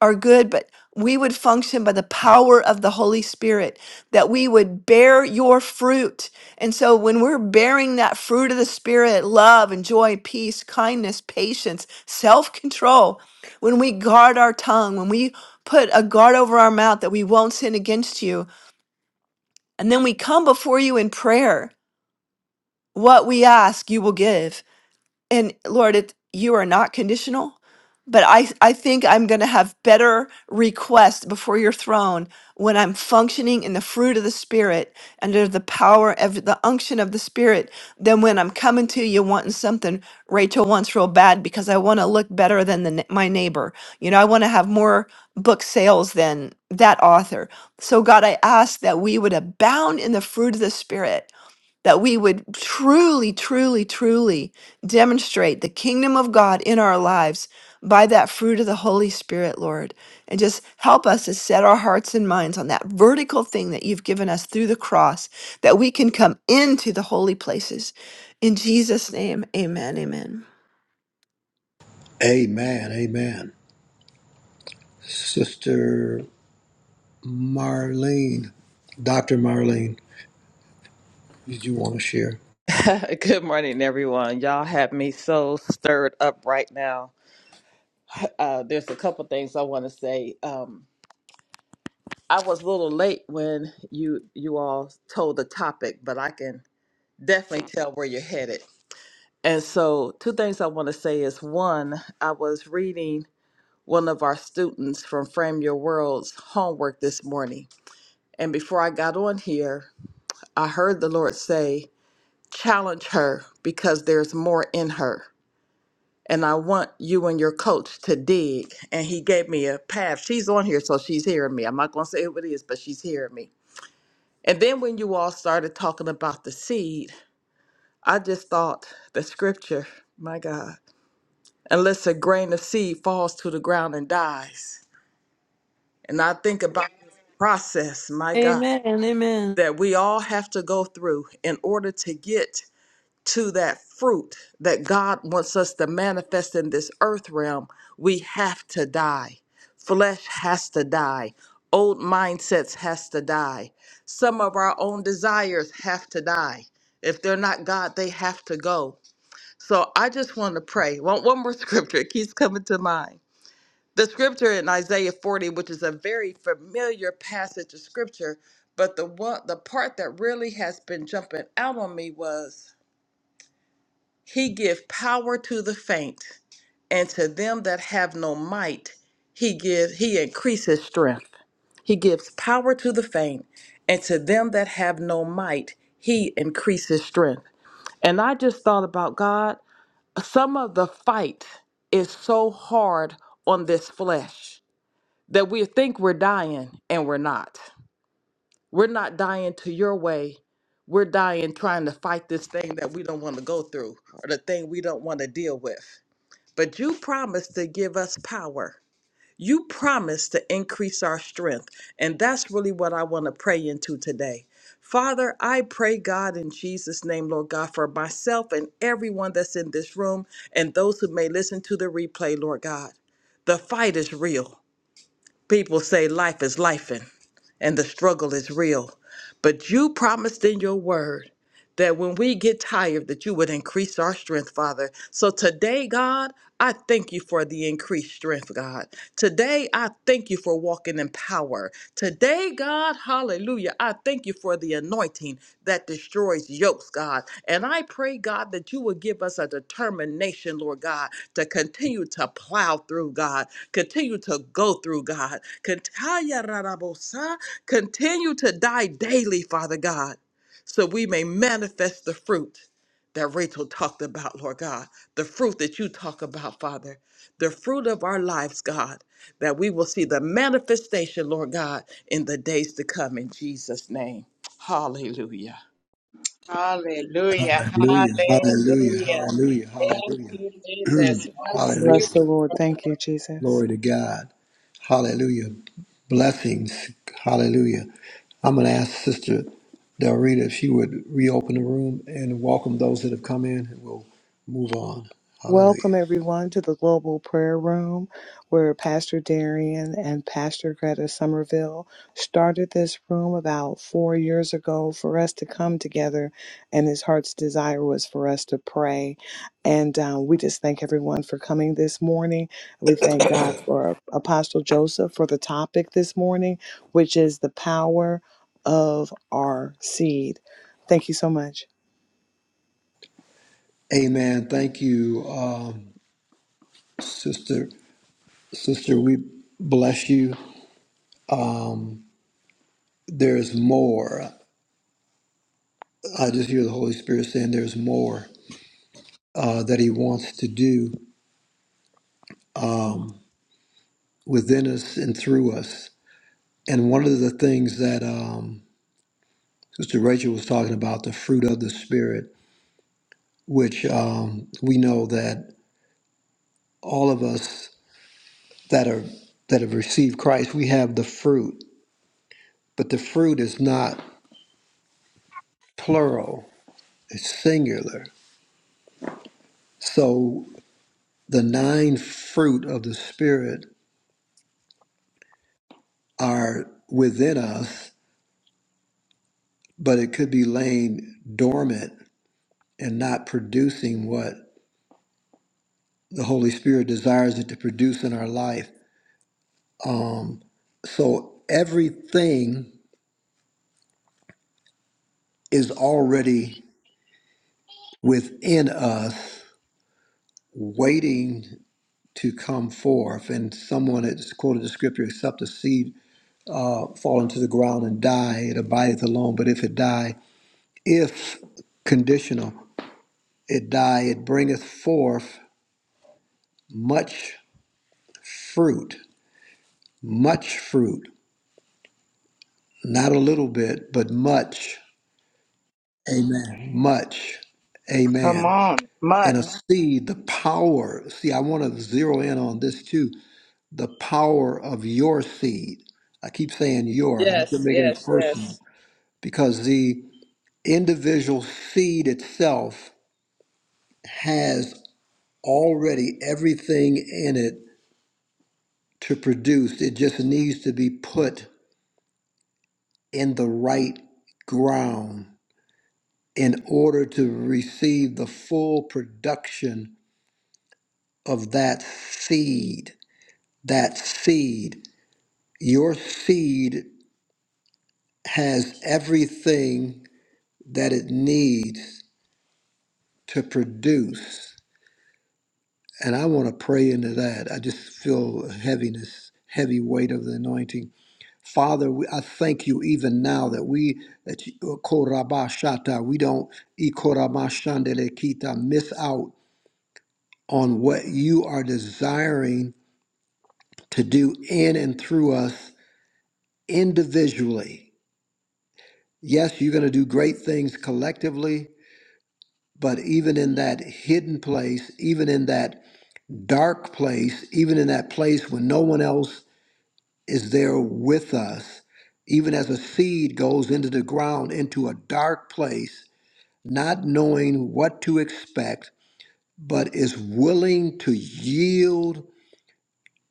Speaker 3: are good, but we would function by the power of the Holy Spirit, that we would bear your fruit. And so when we're bearing that fruit of the Spirit, love and joy, peace, kindness, patience, self control, when we guard our tongue, when we put a guard over our mouth that we won't sin against you, and then we come before you in prayer, what we ask, you will give and Lord, it you are not conditional, but I I think I'm going to have better requests before your throne when I'm functioning in the fruit of the Spirit under the power of the unction of the Spirit than when I'm coming to you wanting something Rachel wants real bad because I want to look better than the, ne- my neighbor. You know, I want to have more book sales than that author. So God, I ask that we would abound in the fruit of the Spirit that we would truly, truly, truly demonstrate the kingdom of God in our lives by that fruit of the Holy Spirit, Lord. And just help us to set our hearts and minds on that vertical thing that you've given us through the cross, that we can come into the holy places. In Jesus' name, amen, amen.
Speaker 4: Amen, amen. Sister Marlene, Dr. Marlene, did you want to share?
Speaker 9: Good morning, everyone. Y'all have me so stirred up right now. Uh, there's a couple things I want to say. Um, I was a little late when you you all told the topic, but I can definitely tell where you're headed. And so, two things I want to say is one, I was reading one of our students from Frame Your World's homework this morning, and before I got on here, I heard the Lord say, "Challenge her because there's more in her." and I want you and your coach to dig. And he gave me a path. She's on here, so she's hearing me. I'm not going to say who it is, but she's hearing me. And then when you all started talking about the seed, I just thought the scripture, my God, unless a grain of seed falls to the ground and dies. And I think about this process, my God,
Speaker 3: Amen. Amen.
Speaker 9: that we all have to go through in order to get to that fruit that God wants us to manifest in this earth realm, we have to die. Flesh has to die. Old mindsets has to die. Some of our own desires have to die. If they're not God, they have to go. So I just want to pray. One, one more scripture it keeps coming to mind. The scripture in Isaiah 40, which is a very familiar passage of scripture, but the one the part that really has been jumping out on me was he give power to the faint, and to them that have no might, he give he increases strength. He gives power to the faint, and to them that have no might, he increases strength. And I just thought about God, some of the fight is so hard on this flesh that we think we're dying and we're not. We're not dying to your way. We're dying trying to fight this thing that we don't want to go through or the thing we don't want to deal with. But you promised to give us power. You promised to increase our strength. And that's really what I want to pray into today. Father, I pray, God, in Jesus' name, Lord God, for myself and everyone that's in this room and those who may listen to the replay, Lord God. The fight is real. People say life is life and and the struggle is real. But you promised in your word that when we get tired that you would increase our strength, Father. So today, God, I thank you for the increased strength, God. Today, I thank you for walking in power. Today, God, hallelujah, I thank you for the anointing that destroys yokes, God. And I pray, God, that you will give us a determination, Lord God, to continue to plow through, God, Continue to go through, God. Cont- Hayararabosa. Continue to die daily, Father God, so we may manifest the fruit that Rachel talked about, Lord God. The fruit that you talk about, Father. The fruit of our lives, God, that we will see the manifestation, Lord God, in the days to come in Jesus' name. Hallelujah.
Speaker 7: Hallelujah.
Speaker 4: Hallelujah, hallelujah,
Speaker 7: Hallelujah.
Speaker 4: hallelujah,
Speaker 7: Thank you,
Speaker 4: hallelujah.
Speaker 7: Jesus. One
Speaker 2: Bless
Speaker 4: hallelujah.
Speaker 2: the Lord.
Speaker 7: spirit.
Speaker 2: Thank you, Jesus.
Speaker 4: Glory to God. Hallelujah. Blessings. Hallelujah. I'm going to ask Sister Del Rita if she would reopen the room and welcome those that have come in and we'll move on.
Speaker 2: Welcome,
Speaker 4: Hallelujah.
Speaker 2: everyone, to the Global Prayer Room, where Pastor Darian and Pastor Greta Somerville started this room about four years ago for us to come together. And his heart's desire was for us to pray. And um, we just thank everyone for coming this morning. We thank God for Apostle Joseph for the topic this morning, which is the power of our seed. Thank you so much.
Speaker 4: Amen. Thank you, um, Sister. Sister, we bless you. Um, there's more. I just hear the Holy Spirit saying there's more uh, that He wants to do within us and through us. And one of the things that um, Sister Rachel was talking about the fruit of the Spirit, which um, we know that all of us that are that have received Christ, we have the fruit, but the fruit is not plural; it's singular. So the nine fruit of the Spirit are within us, but it could be laying dormant and not producing what the Holy Spirit desires it to produce in our life. So everything is already within us waiting to come forth. And someone has quoted the scripture, except the seed uh, fall into the ground and die, it abideth alone. But if it die, if conditional, it die, it bringeth forth much fruit, much fruit, not a little bit, but much. Amen. Much.
Speaker 7: Come
Speaker 4: Amen.
Speaker 7: on.
Speaker 4: And a
Speaker 7: Much.
Speaker 4: seed, the power. See, I want to zero in on this too the power of your seed. I keep saying your, I'm
Speaker 9: Yes,
Speaker 4: making it
Speaker 9: yes, yes.
Speaker 4: personal because the individual seed itself has already everything in it to produce. It just needs to be put in the right ground in order to receive the full production of that seed. That seed, your seed has everything that it needs to produce. And I want to pray into that. I just feel heaviness, heavy weight of the anointing. Father, we, I thank you even now that we that you, uh, korabashata, we don't ikorabashandelekita, miss out on what you are desiring to do in and through us individually. Yes, you're going to do great things collectively, but even in that hidden place, even in that dark place, even in that place when no one else is there with us, even as a seed goes into the ground, into a dark place, not knowing what to expect, but is willing to yield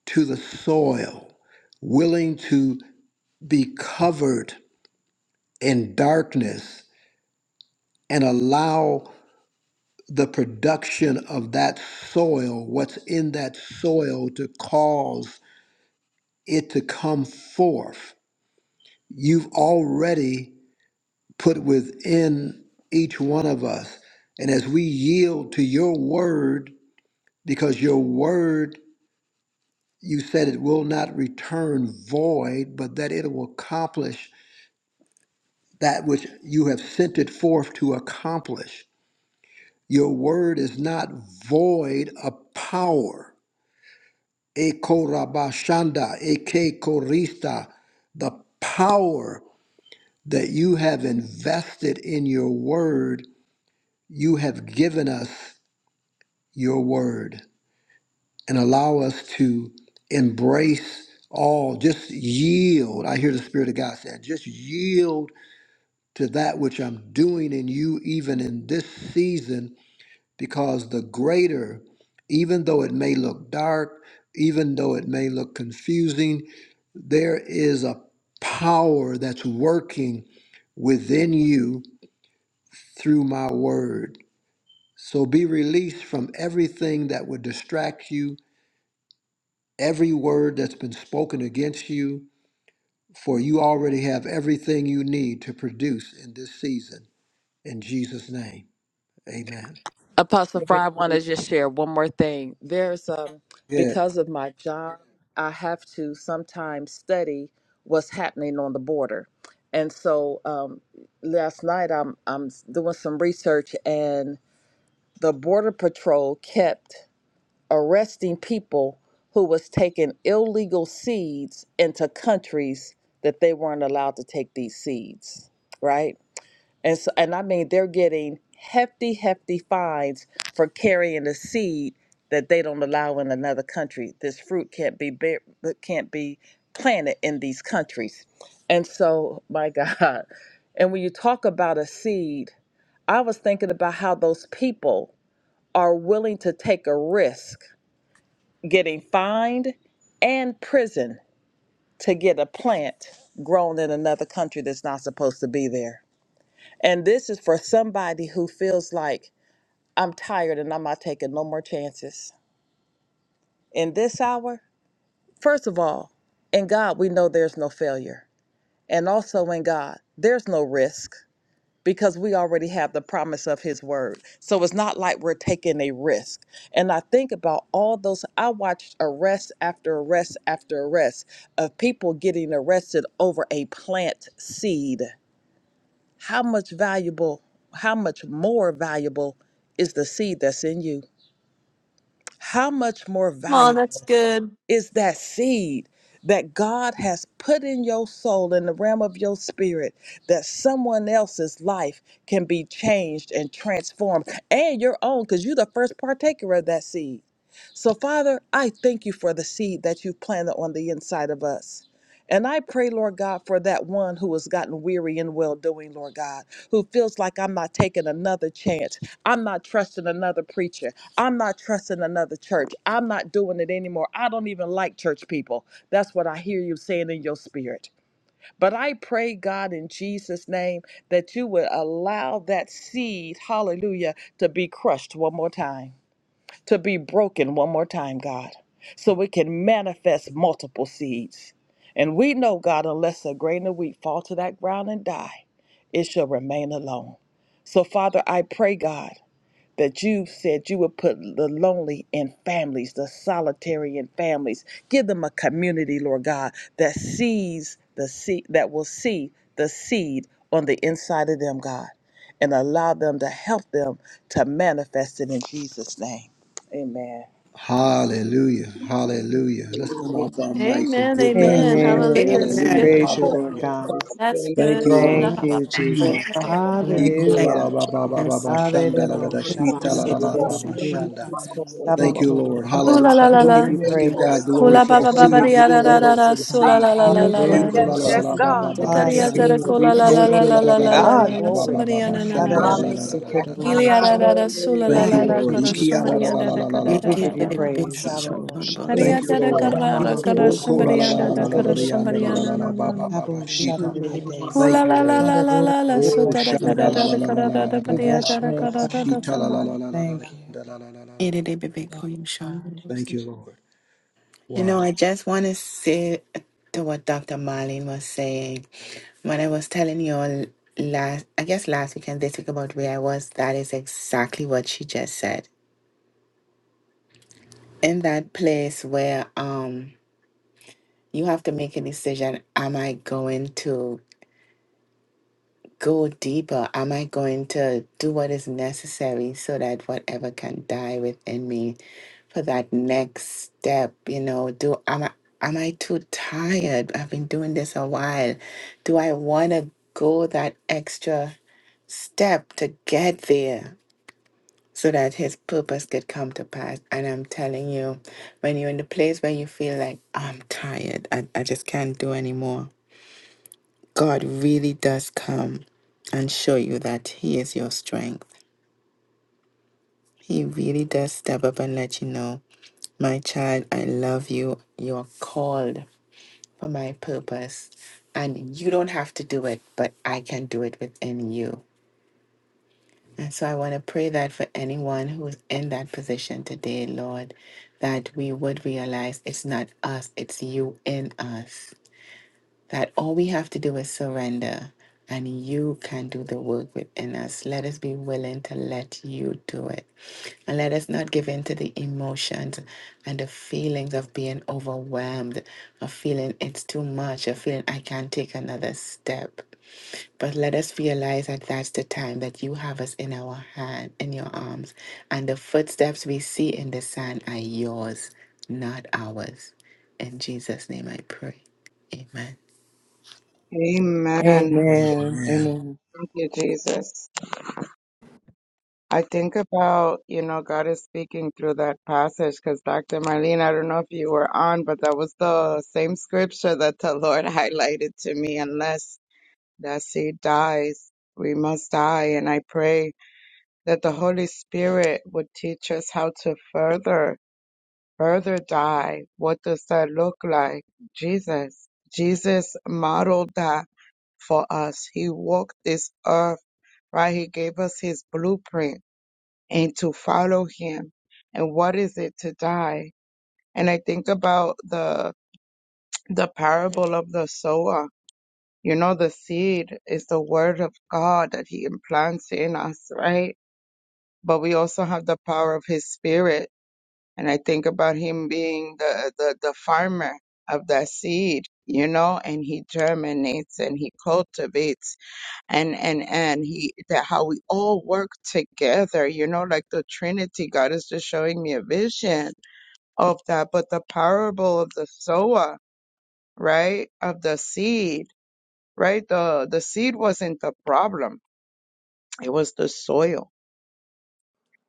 Speaker 4: to the soil, willing to be covered in darkness and allow the production of that soil, what's in that soil, to cause it to come forth you've already put within each one of us. And as we yield to your word, because your word, you said it will not return void, but that it will accomplish that which you have sent it forth to accomplish. Your word is not void of power. Eko rabashanda, eke korista, the power that you have invested in your word you have given us your word and allow us to embrace all, just yield. I hear the Spirit of God saying, just yield to that which I'm doing in you, even in this season, because the greater, even though it may look dark, even though it may look confusing, there is a power that's working within you through my word. So be released from everything that would distract you, every word that's been spoken against you, for you already have everything you need to produce in this season. In Jesus' name, amen.
Speaker 9: Apostle
Speaker 7: Thank
Speaker 9: Fry, I want to just share one more thing. There's um
Speaker 4: Yeah.
Speaker 9: because of my job, I have to sometimes study what's happening on the border, and so um, last night I'm I'm doing some research, and the border patrol kept arresting people who was taking illegal seeds into countries that they weren't allowed to take these seeds, right? And so, and I mean, they're getting hefty, hefty fines for carrying a seed that they don't allow in another country. This fruit can't be bear, can't be planted in these countries. And so, my God, and when you talk about a seed, I was thinking about how those people are willing to take a risk getting fined and prison to get a plant grown in another country that's not supposed to be there. And this is for somebody who feels like I'm tired and I'm not taking no more chances. In this hour, first of all, in God, we know there's no failure. And also in God, there's no risk because we already have the promise of His word. So it's not like we're taking a risk. And I think about all those, I watched arrest after arrest after arrest of people getting arrested over a plant seed. how much valuable, how much more valuable is the seed that's in you? How much more
Speaker 3: Come on, that's
Speaker 9: valuable
Speaker 3: good.
Speaker 9: is that seed that God has put in your soul, in the realm of your spirit, that someone else's life can be changed and transformed, and your own, because you're the first partaker of that seed. So, Father, I thank you for the seed that you've planted on the inside of us. And I pray, Lord God, for that one who has gotten weary in well doing, Lord God, who feels like I'm not taking another chance. I'm not trusting another preacher. I'm not trusting another church. I'm not doing it anymore. I don't even like church people. That's what I hear you saying in your spirit. But I pray, God, in Jesus' name, that you would allow that seed, hallelujah, to be crushed one more time to be broken one more time, God, so we can manifest multiple seeds. And we know, God, unless a grain of wheat fall to that ground and die, it shall remain alone. So, Father, I pray, God that you said you would put the lonely in families, the solitary in families. Give them a community, Lord God, that sees the seed, that will see the seed on the inside of them, God, and allow them to help them to manifest it in Jesus' name. Amen.
Speaker 4: Hallelujah. Hallelujah. Let's come off our mics and
Speaker 3: Amen.
Speaker 4: give God
Speaker 3: Amen.
Speaker 2: Amen.
Speaker 4: glory.
Speaker 3: Hallelujah. It's
Speaker 4: Hallelujah.
Speaker 1: Amen.
Speaker 3: good.
Speaker 2: Praise you, Lord
Speaker 4: Hallelujah.
Speaker 2: God.
Speaker 3: That's
Speaker 7: you,
Speaker 4: Thank
Speaker 3: good.
Speaker 4: you,
Speaker 7: Lord.
Speaker 3: She la
Speaker 4: Lord.
Speaker 2: Thank
Speaker 3: la
Speaker 1: Amen.
Speaker 3: la.
Speaker 2: you,
Speaker 3: la,
Speaker 4: Mm.
Speaker 1: Praise
Speaker 2: Jesus.
Speaker 1: God.
Speaker 3: la,
Speaker 1: Hallelujah. Thank
Speaker 2: Hallelujah.
Speaker 1: you, Jesus.
Speaker 4: Ikolalababababashanda,
Speaker 7: Hallelujah,
Speaker 2: Hallelujah.
Speaker 6: Thank
Speaker 1: Thank you
Speaker 4: laladakita,
Speaker 1: for the good news. Thank
Speaker 6: you,
Speaker 1: you for
Speaker 2: Shabbasidididiki.
Speaker 1: the
Speaker 7: hallelujah.
Speaker 1: good
Speaker 6: Lord.
Speaker 4: lalalababashanda.
Speaker 1: news.
Speaker 6: Hallelujah.
Speaker 4: Thank you, Lord.
Speaker 1: Thank
Speaker 3: la, la, la, la, la. Ooh,
Speaker 2: Sabotoroko.
Speaker 4: Hallelujah.
Speaker 3: la, la,
Speaker 2: Shall
Speaker 3: la,
Speaker 2: We
Speaker 1: you
Speaker 2: give
Speaker 3: la.
Speaker 2: you
Speaker 4: Let's
Speaker 7: Thank
Speaker 4: give God
Speaker 2: praise.
Speaker 4: glory
Speaker 6: Yes,
Speaker 3: Kola
Speaker 4: for
Speaker 3: ba
Speaker 4: the
Speaker 3: ba
Speaker 1: for the
Speaker 2: We
Speaker 3: ba
Speaker 1: good
Speaker 3: ba
Speaker 2: give
Speaker 4: seed.
Speaker 2: you
Speaker 4: Give
Speaker 7: you,
Speaker 3: ya
Speaker 4: him
Speaker 3: ra
Speaker 7: Father.
Speaker 3: ra
Speaker 1: news.
Speaker 3: ra
Speaker 4: glory
Speaker 3: ra
Speaker 2: praise,
Speaker 4: for the
Speaker 3: so
Speaker 2: oh
Speaker 6: God.
Speaker 3: la
Speaker 2: God.
Speaker 9: Ah,
Speaker 4: seed.
Speaker 3: la la la
Speaker 1: No
Speaker 3: la
Speaker 4: E
Speaker 9: yes,
Speaker 3: la.
Speaker 2: Hallelujah.
Speaker 4: kola la
Speaker 9: yes,
Speaker 4: la
Speaker 1: politician,
Speaker 4: la
Speaker 9: yes,
Speaker 4: ba
Speaker 1: no
Speaker 4: ba
Speaker 9: God.
Speaker 4: ba ba
Speaker 3: Zakaria
Speaker 1: babasi,
Speaker 4: shanda.
Speaker 3: zara
Speaker 2: Hallelujah. We
Speaker 3: kola la
Speaker 2: thank
Speaker 3: la
Speaker 4: Oh,
Speaker 1: station.
Speaker 3: la la
Speaker 4: kola
Speaker 2: you.
Speaker 4: la
Speaker 3: la
Speaker 4: la
Speaker 3: la
Speaker 4: la la
Speaker 3: la
Speaker 2: Ah,
Speaker 4: la
Speaker 3: la
Speaker 4: la
Speaker 3: la.
Speaker 4: ba
Speaker 2: glory.
Speaker 4: ba
Speaker 3: Somebody
Speaker 4: ba
Speaker 3: ya
Speaker 4: ba
Speaker 3: na na na
Speaker 4: shanda la
Speaker 3: na.
Speaker 2: Hallelujah.
Speaker 4: la la la la la la.
Speaker 3: Ili ya ra
Speaker 2: Sikirorosha.
Speaker 3: ra ra so la la
Speaker 4: Thank
Speaker 3: la
Speaker 4: you,
Speaker 3: la
Speaker 2: Thank you,
Speaker 4: Lord. E
Speaker 3: kara.
Speaker 4: kia
Speaker 3: Somebody
Speaker 4: la
Speaker 3: ya
Speaker 2: Jesus.
Speaker 4: la
Speaker 3: da
Speaker 4: la
Speaker 3: da
Speaker 4: la la
Speaker 3: kara
Speaker 4: la
Speaker 1: It
Speaker 2: We
Speaker 3: da
Speaker 4: ba
Speaker 1: can't
Speaker 3: da
Speaker 4: ba
Speaker 2: give you
Speaker 3: da
Speaker 1: that
Speaker 4: ba
Speaker 3: da.
Speaker 4: ba
Speaker 1: it
Speaker 4: ba
Speaker 1: been
Speaker 2: praise.
Speaker 1: seen
Speaker 4: shanda.
Speaker 1: short thought
Speaker 2: Hallelujah.
Speaker 1: about him.
Speaker 7: Thank
Speaker 4: Thank
Speaker 3: Kariya
Speaker 4: you,
Speaker 7: you,
Speaker 3: zara
Speaker 4: Lord.
Speaker 7: Father.
Speaker 3: kara
Speaker 2: Mama
Speaker 3: ra
Speaker 1: It can't
Speaker 3: kara.
Speaker 1: be
Speaker 4: Oh,
Speaker 7: Hallelujah.
Speaker 4: kola
Speaker 1: both.
Speaker 3: Somebody
Speaker 4: la
Speaker 3: ya
Speaker 4: la
Speaker 2: Mabosha.
Speaker 3: da
Speaker 4: la la
Speaker 3: da
Speaker 4: la la
Speaker 3: kara.
Speaker 4: yanda
Speaker 2: Tadididiki.
Speaker 3: Somebody
Speaker 4: la
Speaker 3: ya
Speaker 4: la
Speaker 1: It
Speaker 4: la
Speaker 3: na na
Speaker 4: la ba
Speaker 3: na
Speaker 4: ba
Speaker 3: na.
Speaker 4: ba ba
Speaker 2: Sabo
Speaker 1: can't
Speaker 4: shita.
Speaker 1: be
Speaker 2: Shadadidide.
Speaker 4: Thank
Speaker 3: Kola
Speaker 1: seen.
Speaker 4: you,
Speaker 3: la la
Speaker 4: Lord.
Speaker 3: la la
Speaker 2: Hallelujah.
Speaker 3: la la
Speaker 2: We
Speaker 3: so
Speaker 4: Oh,
Speaker 3: da
Speaker 2: bless
Speaker 3: da
Speaker 2: you. We
Speaker 4: shanda
Speaker 3: kara
Speaker 4: la
Speaker 3: da
Speaker 2: bless
Speaker 4: la
Speaker 3: da
Speaker 2: you.
Speaker 4: la la
Speaker 3: kara
Speaker 4: la
Speaker 3: da
Speaker 4: la
Speaker 3: da
Speaker 4: la la
Speaker 3: ba
Speaker 2: We
Speaker 4: la
Speaker 3: ya
Speaker 4: ba
Speaker 2: bless
Speaker 3: da
Speaker 2: your
Speaker 3: da
Speaker 4: ba ba
Speaker 2: name,
Speaker 3: kara
Speaker 4: ba
Speaker 2: God.
Speaker 3: da da.
Speaker 4: shita la la
Speaker 3: Somebody.
Speaker 4: la la la la la
Speaker 2: Thank you.
Speaker 4: la la la la la
Speaker 1: It did be call him Sean.
Speaker 4: Thank you, Lord.
Speaker 1: You
Speaker 4: Wow,
Speaker 1: know, I just want to say to what Dr. Marlene was saying. When I was telling you all last, I guess last weekend, they talk about where I was. That is exactly what she just said. In that place where, um, you have to make a decision. Am I going to go deeper? Am I going to do what is necessary so that whatever can die within me for that next step? You know, do am I am I too tired? I've been doing this a while. Do I want to go that extra step to get there? So that his purpose could come to pass. And I'm telling you, when you're in the place where you feel like, I'm tired, I, I just can't do anymore God really does come and show you that He is your strength. He really does step up and let you know, my child, I love you. You're called for my purpose. And you don't have to do it, but I can do it within you. And so I want to pray that for anyone who's in that position today, Lord, that we would realize it's not us, it's you in us that all we have to do is surrender and you can do the work within us. Let us be willing to let you do it. And let us not give in to the emotions and the feelings of being overwhelmed, of feeling it's too much, of feeling I can't take another step. But let us realize that that's the time that you have us in our hand, in your arms. And the footsteps we see in the sand are yours, not ours. In Jesus' name I pray. Amen.
Speaker 7: Amen.
Speaker 2: Amen.
Speaker 4: man.
Speaker 2: Amen.
Speaker 7: Thank you, Jesus. I think about, you know, God is speaking through that passage because Dr. Marlene, I don't know if you were on, but that was the same scripture that the Lord highlighted to me, unless that seed dies. We must die. And I pray that the Holy Spirit would teach us how to further, further die. What does that look like? Jesus. Jesus modeled that for us. He walked this earth, right? He gave us his blueprint and to follow him. And what is it to die? And I think about the, the parable of the sower You know, the seed is the word of God that he implants in us, right? But we also have the power of his spirit. And I think about him being the, the, the farmer of that seed, you know, and he germinates and he cultivates and, and, and he, that how we all work together, you know, like the Trinity. God is just showing me a vision of that. But the parable of the sower, right? Of the seed right? The the seed wasn't the problem. It was the soil.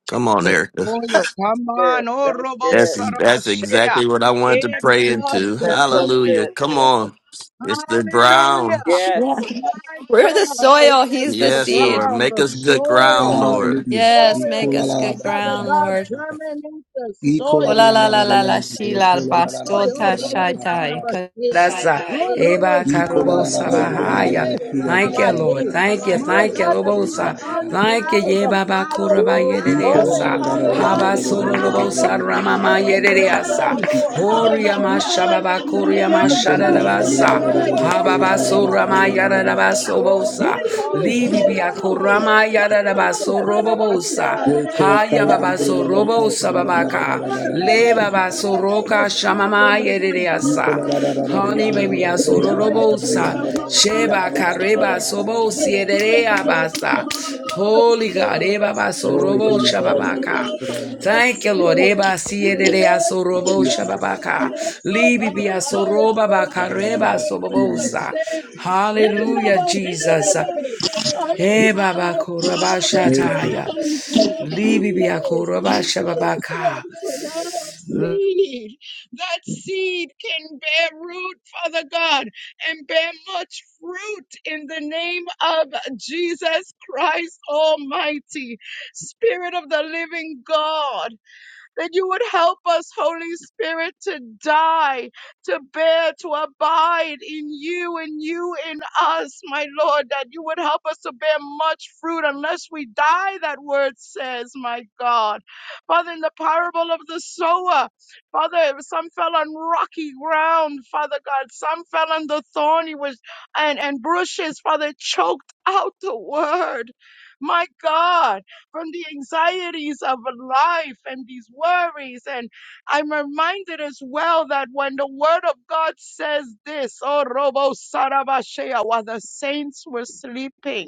Speaker 10: Come on,
Speaker 7: The
Speaker 10: Eric.
Speaker 7: soil. Come
Speaker 9: Good.
Speaker 7: on, oh
Speaker 9: That's
Speaker 7: Robo
Speaker 10: That's
Speaker 9: good.
Speaker 10: that's
Speaker 9: Yeah,
Speaker 7: Sarabashea.
Speaker 10: exactly what I wanted to
Speaker 7: It
Speaker 10: pray
Speaker 7: was
Speaker 10: into.
Speaker 9: that's so
Speaker 7: my
Speaker 10: Hallelujah.
Speaker 9: good.
Speaker 10: Come
Speaker 7: God.
Speaker 10: on. It's the ground.
Speaker 7: Hallelujah.
Speaker 9: Yes.
Speaker 3: Yeah.
Speaker 7: My
Speaker 3: We're the
Speaker 7: God. It
Speaker 3: soil.
Speaker 7: was
Speaker 3: He's the
Speaker 7: the
Speaker 10: Yes,
Speaker 3: seed.
Speaker 10: Lord.
Speaker 7: ground,
Speaker 10: Make
Speaker 7: the
Speaker 10: us good
Speaker 7: soil,
Speaker 10: ground,
Speaker 7: the
Speaker 10: Lord.
Speaker 4: Hallelujah.
Speaker 3: Yes. Make
Speaker 7: soil.
Speaker 3: us good
Speaker 7: Father
Speaker 3: ground,
Speaker 7: God,
Speaker 3: Lord.
Speaker 4: Ikolalalabababababaha.
Speaker 7: germinate the soil,
Speaker 3: Wala la la la la
Speaker 7: cultivate
Speaker 4: Ikolalalalalalayandoro,
Speaker 7: the,
Speaker 3: shila
Speaker 7: the soil. Oh,
Speaker 3: bastota
Speaker 7: Robo
Speaker 3: shaitai.
Speaker 4: kolalalalalalalalababa.
Speaker 7: Sarabashea.
Speaker 11: That's uh,
Speaker 7: Orobo
Speaker 11: Eba Karobo
Speaker 7: Sarabashe,
Speaker 4: Ikolalalalalalayandoro,
Speaker 11: Sabahaya.
Speaker 7: Rebe
Speaker 11: Thank you, Lord.
Speaker 7: Sarabaye.
Speaker 11: Thank you.
Speaker 7: My
Speaker 11: Thank you,
Speaker 4: kiyatalalalalalalayandoro,
Speaker 7: God, that we will
Speaker 11: Robosa.
Speaker 4: kolalalalala.
Speaker 11: Thank
Speaker 7: unplow
Speaker 11: you,
Speaker 7: the
Speaker 11: Yeba
Speaker 7: fallow
Speaker 11: Bakuraba
Speaker 9: Glory,
Speaker 7: ground,
Speaker 11: Yediasa.
Speaker 9: hallelujah.
Speaker 11: Haba
Speaker 4: Ikolalalalalalayandoro,
Speaker 7: unplow the
Speaker 11: Sororobosa Ramama
Speaker 7: fallow
Speaker 9: This is
Speaker 11: Yediasa.
Speaker 9: our
Speaker 7: ground
Speaker 9: Lord.
Speaker 7: of the
Speaker 11: Horia
Speaker 9: Hallelujah.
Speaker 4: shikalalalalayaka.
Speaker 7: heart
Speaker 11: Mashababa
Speaker 7: in the
Speaker 11: Kuria
Speaker 7: name of Jesus
Speaker 4: Ikolalalalalalayandoro,
Speaker 11: Mashadabasa.
Speaker 7: Christ.
Speaker 11: Hababa
Speaker 7: Orobo
Speaker 11: Surama
Speaker 7: Sarabashe,
Speaker 9: Oh
Speaker 11: Yadabasobosa.
Speaker 9: God,
Speaker 7: Hiru
Speaker 11: Libi
Speaker 4: koyalalalalalalalalalalalalalalalalalalala.
Speaker 9: hallelujah, hallelujah,
Speaker 7: Sarabaye,
Speaker 11: Biakurama
Speaker 7: Orobo
Speaker 9: Jesus, my
Speaker 11: Yadabasorobosa.
Speaker 9: God.
Speaker 7: Sarabashe,
Speaker 4: Wete
Speaker 7: Rebe
Speaker 11: Haya
Speaker 4: kayandolo,
Speaker 11: Baba robo
Speaker 7: Sarabashe. My
Speaker 11: sababaka.
Speaker 7: God,
Speaker 11: Le
Speaker 7: Rebe
Speaker 11: baba
Speaker 7: Sarabashe. The
Speaker 11: soroka
Speaker 4: kolalalalalalalalalalalalalalala.
Speaker 7: storm will
Speaker 11: shamama
Speaker 7: never
Speaker 4: Glory
Speaker 11: yereasa.
Speaker 7: burn.
Speaker 11: Honey baby
Speaker 4: to
Speaker 7: The
Speaker 11: asoro robo
Speaker 7: soil of
Speaker 11: sa.
Speaker 7: our
Speaker 11: Sheba
Speaker 7: hearts,
Speaker 11: kareba
Speaker 7: Lord.
Speaker 11: sobo
Speaker 7: The soil
Speaker 11: sierea basa.
Speaker 7: of our hearts,
Speaker 11: Holy God,
Speaker 7: Lord.
Speaker 11: eba baso
Speaker 7: The
Speaker 11: robo
Speaker 4: you,
Speaker 7: soil of
Speaker 11: shababaka.
Speaker 7: our
Speaker 11: Thank
Speaker 7: hearts,
Speaker 11: you, Lord.
Speaker 7: Lord.
Speaker 11: Eba sierea
Speaker 7: Yes, Lord,
Speaker 11: sorobo
Speaker 7: the
Speaker 11: shababaka.
Speaker 7: soil of
Speaker 11: Libi bia
Speaker 7: our
Speaker 11: bakareba
Speaker 7: hearts,
Speaker 4: man.
Speaker 11: sobobosa.
Speaker 7: Lord
Speaker 11: Hallelujah, Jesus.
Speaker 7: baby.
Speaker 11: Hey
Speaker 7: Unplow
Speaker 11: Baba
Speaker 7: the fallow
Speaker 11: Korabashataya.
Speaker 7: ground, Lord
Speaker 11: Libi Bia
Speaker 7: Jesus. Yes,
Speaker 11: Korabashababaka.
Speaker 7: Lord, so that seed, that seed can bear root, Father God, and bear much fruit in the name of Jesus Christ Almighty. Spirit of the living God that you would help us, Holy Spirit, to die, to bear, to abide in you and you in us, my Lord, that you would help us to bear much fruit unless we die, that word says, my God. Father, in the parable of the sower, Father, some fell on rocky ground, Father God, some fell on the thorny was and, and bushes, Father, choked out the word. My God, from the anxieties of life and these worries. And I'm reminded as well that when the word of God says this, oh, Robo Sarabashea, while the saints were sleeping,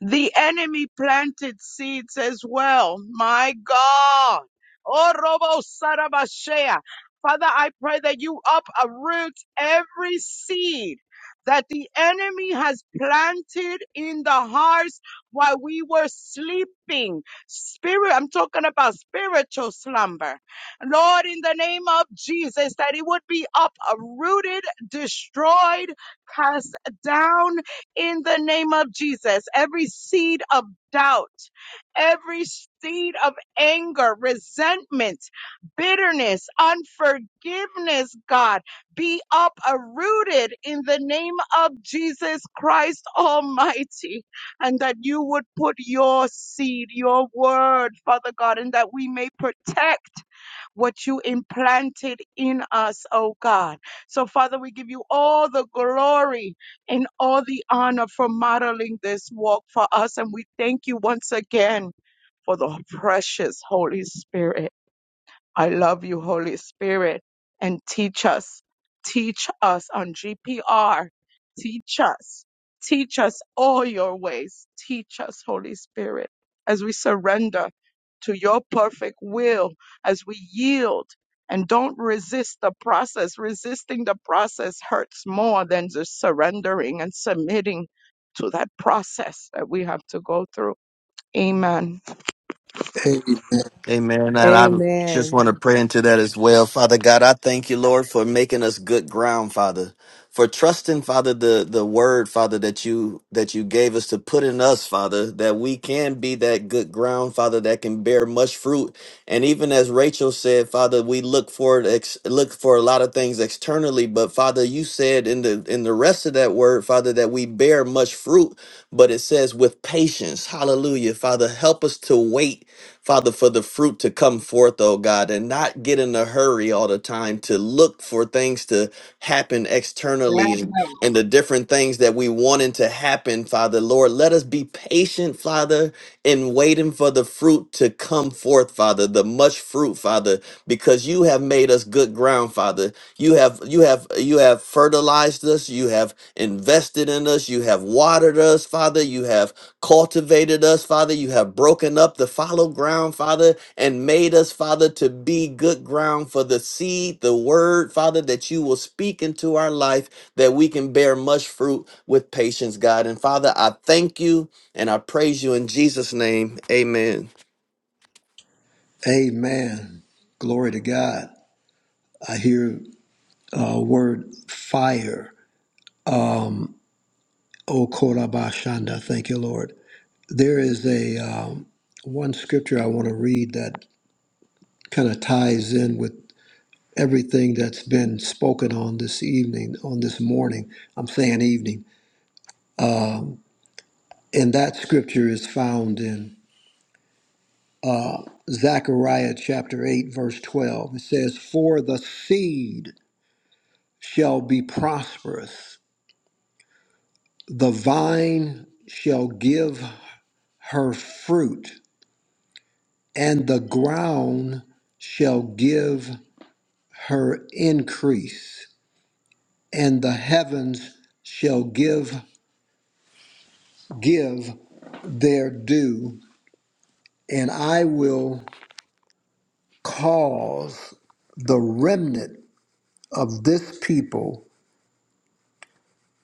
Speaker 7: the enemy planted seeds as well. My God. Oh, Robo Sarabashea. Father, I pray that you uproot every seed that the enemy has planted in the hearts while we were sleeping. Spirit, I'm talking about spiritual slumber. Lord, in the name of Jesus, that it would be uprooted, destroyed, cast down in the name of Jesus. Every seed of doubt, every seed of anger, resentment, bitterness, unforgiveness, God, be uprooted in the name of Jesus Christ Almighty. And that you would put your seed, your word, Father God, and that we may protect what you implanted in us, oh God. So, Father, we give you all the glory and all the honor for modeling this walk for us. And we thank you once again for the precious Holy Spirit. I love you, Holy Spirit, and teach us. Teach us on GPR. Teach us. Teach us all your ways. Teach us, Holy Spirit, as we surrender to your perfect will, as we yield and don't resist the process. Resisting the process hurts more than just surrendering and submitting to that process that we have to go through. Amen.
Speaker 10: Amen. And I just
Speaker 2: Amen.
Speaker 10: want to pray into that as well. Father God, I thank you, Lord, for making us good ground, Father. For trusting, Father, the, the word, Father, that you that you gave us to put in us, Father, that we can be that good ground, Father, that can bear much fruit. And even as Rachel said, Father, we look for it ex- look for a lot of things externally, but Father, you said in the in the rest of that word, Father, that we bear much fruit, but it says with patience. Hallelujah, Father, help us to wait Father, for the fruit to come forth, oh God, and not get in a hurry all the time to look for things to happen externally and, and the different things that we wanted to happen, Father. Lord, let us be patient, Father, in waiting for the fruit to come forth, Father, the much fruit, Father, because you have made us good ground, Father. You have you have you have fertilized us, you have invested in us, you have watered us, Father, you have cultivated us, Father. You have broken up the fallow ground, Father, and made us, Father, to be good ground for the seed, the word, Father, that you will speak into our life that we can bear much fruit with patience, God. And Father, I thank you and I praise you in Jesus' name. Amen.
Speaker 4: Amen. Amen. Glory to God. I hear a word fire. O Korabashanda. Thank you, Lord. There is a um, one scripture I want to read that kind of ties in with everything that's been spoken on this evening, on this morning. I'm saying evening. And that scripture is found in Zechariah chapter 8, verse 12. It says, For the seed shall be prosperous, the vine shall give her fruit, and the ground shall give her increase, and the heavens shall give give their due and I will cause the remnant of this people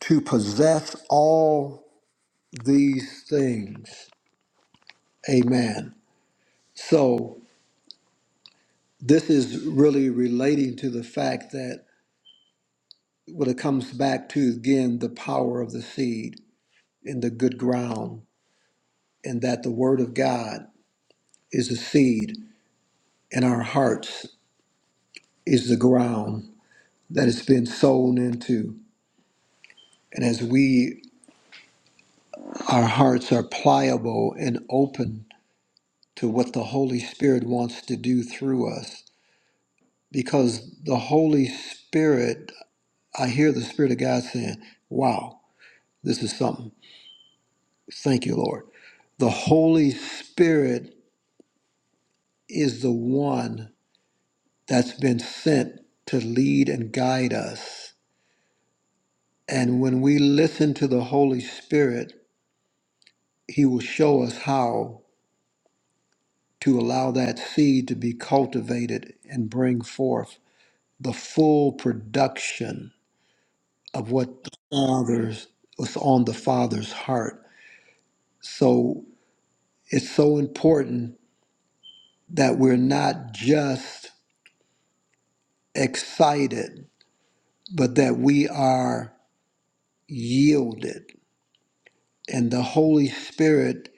Speaker 4: to possess all these things. Amen. So, this is really relating to the fact that when it comes back to again the power of the seed in the good ground, and that the word of God is a seed, and our hearts is the ground that it's been sown into. And as we our hearts are pliable and open to what the Holy Spirit wants to do through us. Because the Holy Spirit, I hear the Spirit of God saying, Wow, this is something. Thank you, Lord. The Holy Spirit is the one that's been sent to lead and guide us. And when we listen to the Holy Spirit, He will show us how to allow that seed to be cultivated and bring forth the full production of what the father's was on the father's heart. So it's so important that we're not just excited, but that we are yielded. And the Holy Spirit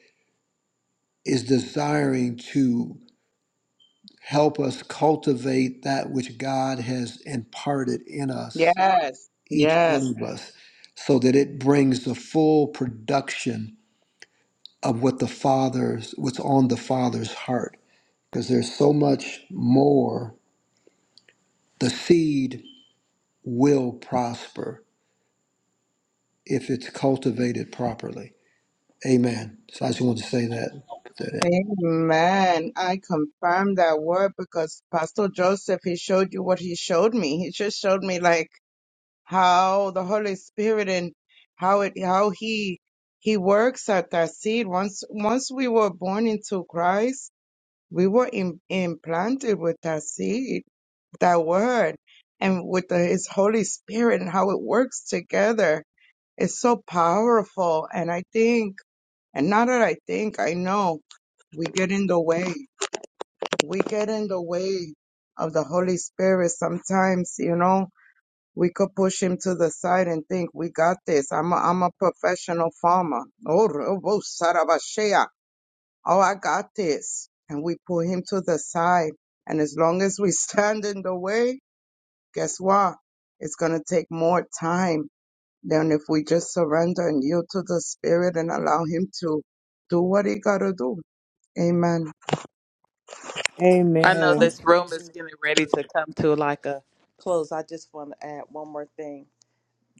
Speaker 4: is desiring to help us cultivate that which God has imparted in us,
Speaker 7: Yes.
Speaker 4: each
Speaker 7: Yes.
Speaker 4: one of us, so that it brings the full production of what the father's what's on the father's heart because there's so much more the seed will prosper if it's cultivated properly amen so i just wanted to say that that-
Speaker 7: Amen. I confirm that word because Pastor Joseph, he showed you what he showed me. He just showed me like how the Holy Spirit and how it how he he works at that seed. Once once we were born into Christ, we were im implanted with that seed, that word, and with the, his Holy Spirit and how it works together. It's so powerful. And I think, and now that I think, I know we get in the way we get in the way of the Holy Spirit sometimes, you know. We could push him to the side and think, we got this. I'm a, I'm a professional farmer. Oh, robo sarabashea. oh, I got this. And we pull him to the side. And as long as we stand in the way, guess what? It's going to take more time than if we just surrender and yield to the Spirit and allow him to do what he got to do. Amen.
Speaker 9: I know
Speaker 2: Amen.
Speaker 9: this room is getting ready to come to like a close. I just want to add one more thing.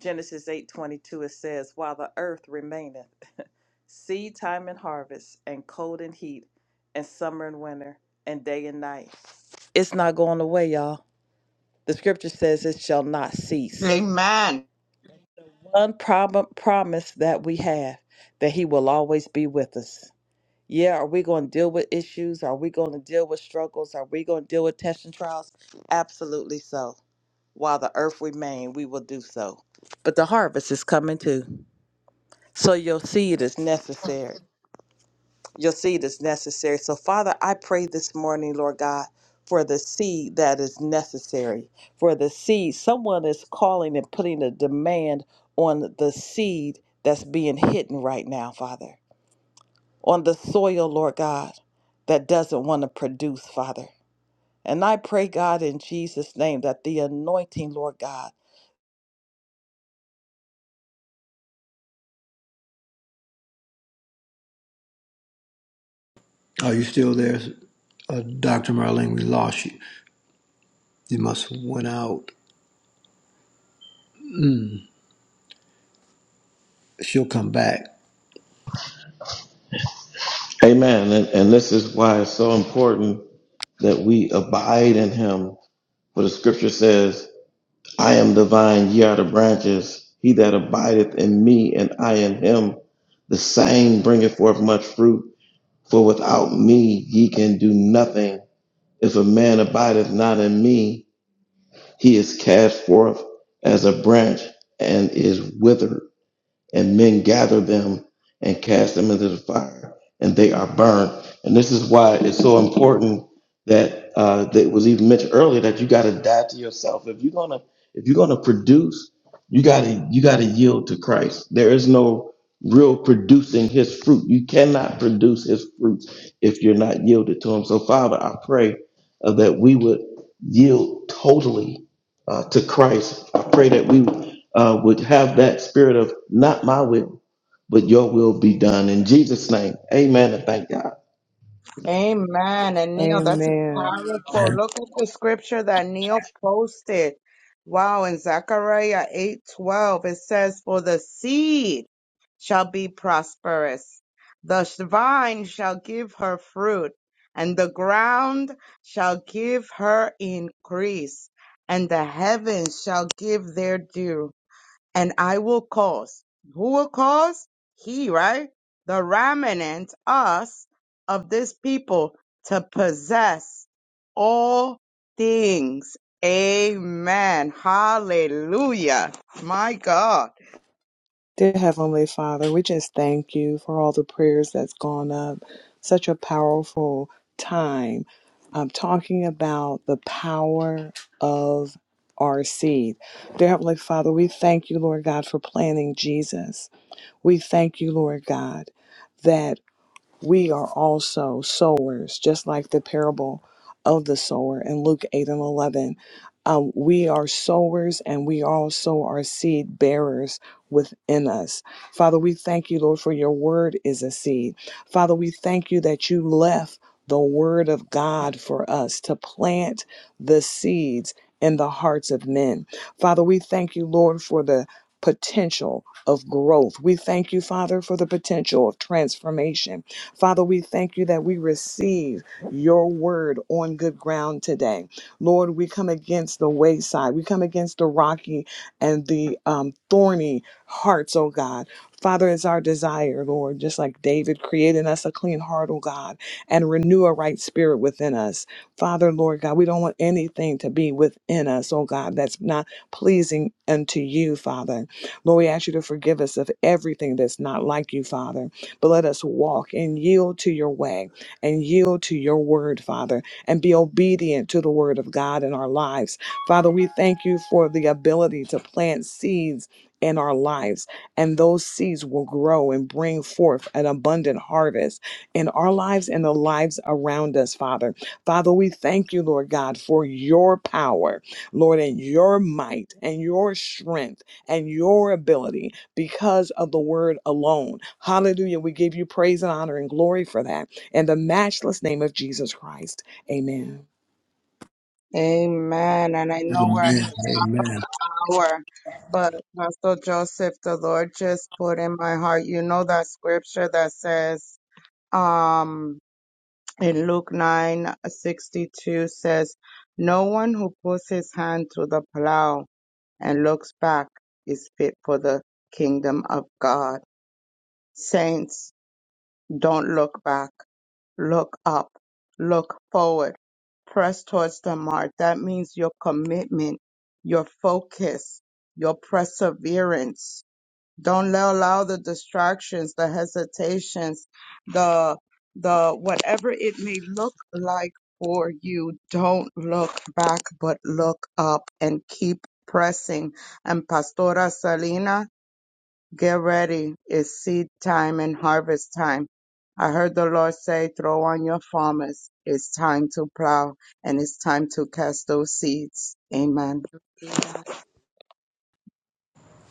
Speaker 9: Genesis 8:22 it says, "While the earth remaineth, seed time and harvest, and cold and heat, and summer and winter, and day and night." It's not going away, y'all. The scripture says it shall not cease.
Speaker 7: Amen.
Speaker 9: one prob- promise that we have that he will always be with us yeah are we going to deal with issues are we going to deal with struggles are we going to deal with tests and trials absolutely so while the earth remains, we will do so but the harvest is coming too so your seed is necessary your seed is necessary. So, Father, I pray this morning, Lord God, for the seed that is necessary, for the seed. Someone is calling and putting a demand on the seed that's being hidden right now, Father, on the soil, Lord God, that doesn't want to produce, Father. And I pray, God, in Jesus' name, that the anointing, Lord God,
Speaker 4: are you still there uh, dr marlene we lost you you must have went out mm, she'll come back
Speaker 8: Amen. And, and this is why it's so important that we abide in him. For the scripture says I am the vine, ye are the branches. He that abideth in me and I in him, the same bringeth forth much fruit. For without me ye can do nothing. If a man abideth not in me, he is cast forth as a branch and is withered and men gather them and cast them into the fire, and they are burned. And this is why it's so important that uh, that was even mentioned earlier that you got to die to yourself if you're gonna if you're gonna produce, you gotta you gotta yield to Christ. There is no real producing His fruit. You cannot produce His fruit if you're not yielded to Him. So Father, I pray uh, that we would yield totally uh, to Christ. I pray that we uh, would have that spirit of not my will, but your will be done. In Jesus' name, amen and thank God.
Speaker 7: Amen. And Neil, that's
Speaker 2: Amen.
Speaker 7: powerful. Look at the scripture that Neil posted. Wow, in Zechariah 8:12 it says, "For the seed shall be prosperous. The sh- vine shall give her fruit, and the ground shall give her increase, and the heavens shall give their dew." and I will cause. Who will cause? He, right? The remnant, us, of this people to possess all things. Amen. Hallelujah. My God.
Speaker 2: Dear Heavenly Father, we just thank you for all the prayers that's gone up. Such a powerful time. I'm talking about the power of our seed. Dear Heavenly Father, we thank you, Lord God, for planting Jesus. We thank you, Lord God. that. we are also sowers, just like the parable of the sower in Luke 8 and 11. Um, we are sowers and we also are seed bearers within us. Father, we thank you, Lord, for your word is a seed. Father, we thank you that you left the word of God for us to plant the seeds in the hearts of men. Father, we thank you, Lord, for the potential of growth. We thank you, Father, for the potential of transformation. Father, we thank you that we receive your word on good ground today. Lord, we come against the wayside. We come against the rocky and the um, thorny hearts, oh God. Father, it's our desire, Lord, just like David, create in us a clean heart, oh God, and renew a right spirit within us. Father, Lord God, we don't want anything to be within us, oh God, that's not pleasing unto you, Father. Lord, we ask you to forgive us of everything that's not like you, Father. But let us walk and yield to your way and yield to your word, Father, and be obedient to the word of God in our lives. Father, we thank you for the ability to plant seeds in our lives, and those seeds will grow and bring forth an abundant harvest in our lives and the lives around us, Father. Father, we thank you, Lord God, for your power, Lord, and your might and your strength and your ability because of the word alone. Hallelujah. We give you praise and honor and glory for that. In the matchless name of Jesus Christ. Amen.
Speaker 7: Amen. And I know we're at
Speaker 4: amen
Speaker 7: the top of
Speaker 4: amen
Speaker 7: the hour, but Pastor Joseph, the Lord just put in my heart, you know that scripture that says, um, in Luke 9 62 says, No one who puts his hand to the plow and looks back is fit for the kingdom of God. Saints, don't look back. Look up. Look forward. Press towards the mark. That means your commitment, your focus, your perseverance don't let- allow the distractions, the hesitations, the the whatever it may look like for you, don't look back but look up and keep pressing. And Pastora Salina, get ready. It's seed time and harvest time. I heard the Lord say, throw on your farmers. It's time to plow and it's time to cast those seeds. Amen.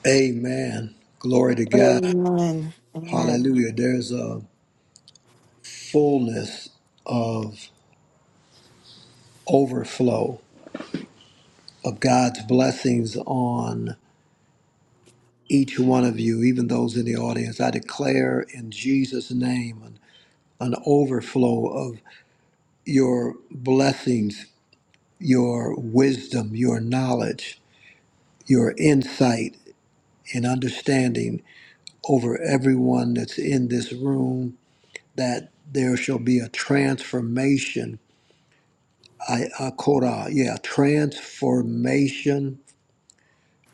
Speaker 4: amen glory to god
Speaker 1: Amen. Amen.
Speaker 4: hallelujah there's a fullness of overflow of God's blessings on each one of you, even those in the audience. I declare in Jesus' name an, an overflow of your blessings, your wisdom, your knowledge, your insight and understanding over everyone that's in this room, that there shall be a transformation. I, I quote, yeah, transformation,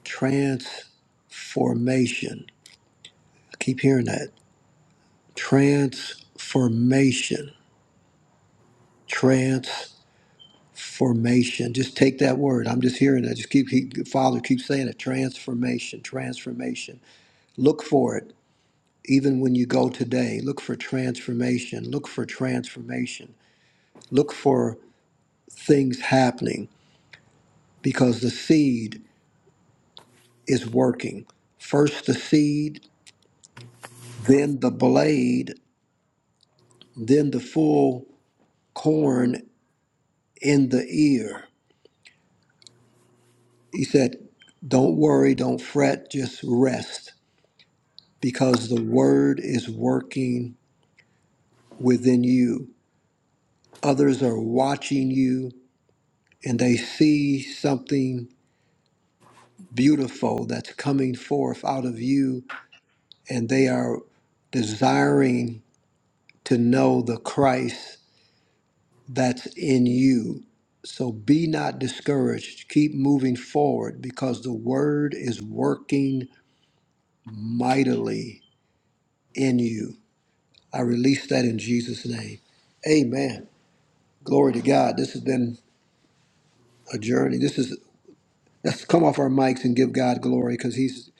Speaker 4: transformation. I keep hearing that Transformation. Transformation. Just take that word. I'm just hearing that. Just keep, keep Father keep saying it. Transformation. Transformation. Look for it. Even when you go today, look for transformation. Look for transformation. Look for things happening because the seed is working. First the seed, then the blade, then the full corn in the ear. He said, Don't worry, don't fret, just rest because the word is working within you. Others are watching you and they see something beautiful that's coming forth out of you, and they are desiring to know the Christ that's in you. So be not discouraged. Keep moving forward because the word is working mightily in you. I release that in Jesus' name. Amen. Glory to God. This has been a journey. This is let's come off our mics and give God glory because He's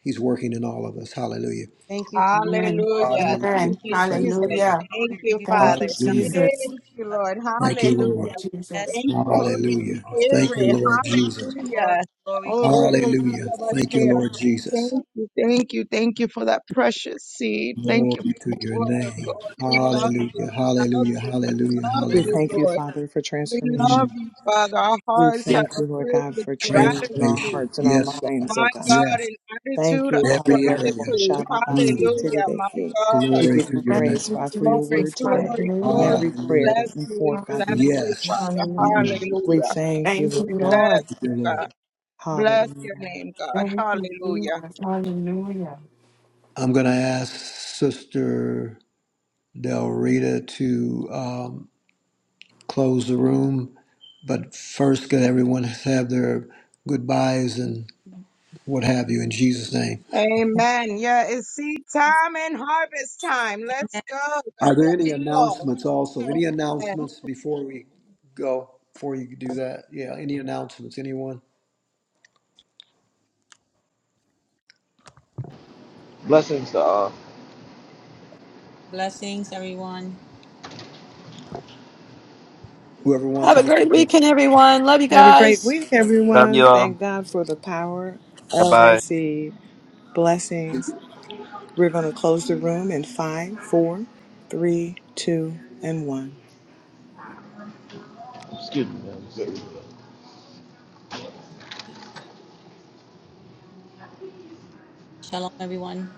Speaker 4: He's working in all of us. Hallelujah.
Speaker 6: Thank you, Jesus.
Speaker 1: Amen.
Speaker 7: Hallelujah.
Speaker 4: Hallelujah.
Speaker 1: Amen.
Speaker 7: Thank you,
Speaker 4: Thank you,
Speaker 7: Jesus.
Speaker 4: Lord.
Speaker 1: Hallelujah.
Speaker 7: Thank
Speaker 6: We
Speaker 7: you,
Speaker 6: give you
Speaker 1: Thank you,
Speaker 7: Father.
Speaker 6: praise,
Speaker 4: Hallelujah.
Speaker 1: Jesus.
Speaker 7: Thank you,
Speaker 6: God.
Speaker 7: Lord.
Speaker 4: Thank you,
Speaker 1: Thank you,
Speaker 4: Lord.
Speaker 7: Hallelujah.
Speaker 6: Yes,
Speaker 1: Jesus.
Speaker 7: Thank you, Holy
Speaker 4: Hallelujah. Thank you,
Speaker 7: Spirit.
Speaker 4: Lord Jesus.
Speaker 6: glory,
Speaker 7: Hallelujah.
Speaker 6: glory, glory.
Speaker 7: Oh, Robo
Speaker 4: Hallelujah. Thank you,
Speaker 7: Sarabashea.
Speaker 4: Lord
Speaker 7: Thank
Speaker 4: Jesus.
Speaker 7: you, thank you, thank you for that precious seed. Thank you, for
Speaker 4: Glory to
Speaker 7: the
Speaker 4: your
Speaker 7: word,
Speaker 4: name.
Speaker 7: Lord We love you,
Speaker 4: Hallelujah.
Speaker 7: we love
Speaker 4: Hallelujah.
Speaker 7: you, we
Speaker 4: Hallelujah.
Speaker 7: love
Speaker 2: We
Speaker 7: you,
Speaker 4: Hallelujah.
Speaker 2: thank you,
Speaker 7: Lord.
Speaker 2: Father, for
Speaker 7: We
Speaker 2: transformation.
Speaker 7: love you, Father. Our
Speaker 2: We
Speaker 7: hearts have
Speaker 2: thank
Speaker 7: been
Speaker 2: you, Lord
Speaker 7: filled
Speaker 2: God,
Speaker 7: with
Speaker 2: for change in our
Speaker 7: gratitude.
Speaker 4: Transformation.
Speaker 2: hearts and our
Speaker 4: Yes, Father.
Speaker 2: minds, oh
Speaker 7: My
Speaker 2: God.
Speaker 7: God,
Speaker 4: Yes.
Speaker 7: an
Speaker 2: Thank
Speaker 7: attitude
Speaker 2: you.
Speaker 7: of
Speaker 4: Every area.
Speaker 7: gratitude.
Speaker 4: Mm.
Speaker 7: Hallelujah. My God.
Speaker 2: We
Speaker 4: Glory
Speaker 2: give
Speaker 4: to
Speaker 2: you
Speaker 4: your
Speaker 1: Thank
Speaker 4: name.
Speaker 2: praise,
Speaker 1: you,
Speaker 2: Father, for your
Speaker 7: Glory,
Speaker 2: word
Speaker 1: Jesus.
Speaker 2: today.
Speaker 7: glory,
Speaker 2: And
Speaker 7: glory.
Speaker 1: Hallelujah.
Speaker 2: every
Speaker 7: We
Speaker 4: Hallelujah.
Speaker 2: prayer
Speaker 7: bless
Speaker 2: that went
Speaker 7: you. We
Speaker 2: forth, God, we
Speaker 7: bless
Speaker 1: Hallelujah.
Speaker 7: you,
Speaker 2: praise you.
Speaker 4: Yes,
Speaker 7: Father.
Speaker 1: Hallelujah.
Speaker 2: We
Speaker 7: Hallelujah.
Speaker 2: thank you,
Speaker 1: Thank you,
Speaker 7: We
Speaker 2: Lord God.
Speaker 1: Lord.
Speaker 7: bless
Speaker 4: dear
Speaker 7: you, God.
Speaker 4: Lord.
Speaker 7: Bless your
Speaker 2: Hallelujah.
Speaker 7: name, God.
Speaker 1: Thank you,
Speaker 7: Hallelujah.
Speaker 1: Jesus. Hallelujah.
Speaker 4: I'm going to ask Sister Del Rita to um, close the room, but first, could everyone have their goodbyes and what have you in Jesus' name?
Speaker 7: Amen. Yeah, it's seed time and harvest time. Let's go.
Speaker 4: Are there any announcements also? Any
Speaker 7: Yes.
Speaker 4: announcements before we go? Before you do that? Yeah, any announcements? Anyone?
Speaker 6: Blessings, everyone.
Speaker 4: Whoever wants
Speaker 3: Have
Speaker 4: to
Speaker 3: a
Speaker 4: go
Speaker 3: great weekend, everyone. Love you
Speaker 2: Have a great
Speaker 3: guys.
Speaker 2: week,
Speaker 10: Love
Speaker 2: everyone.
Speaker 10: you all.
Speaker 2: Thank God for the power
Speaker 10: Bye
Speaker 2: of
Speaker 10: bye.
Speaker 2: our seed. Blessings. We're going to close the room in five, four, three, two, and one.
Speaker 8: Excuse me, man.
Speaker 6: Shalom, everyone.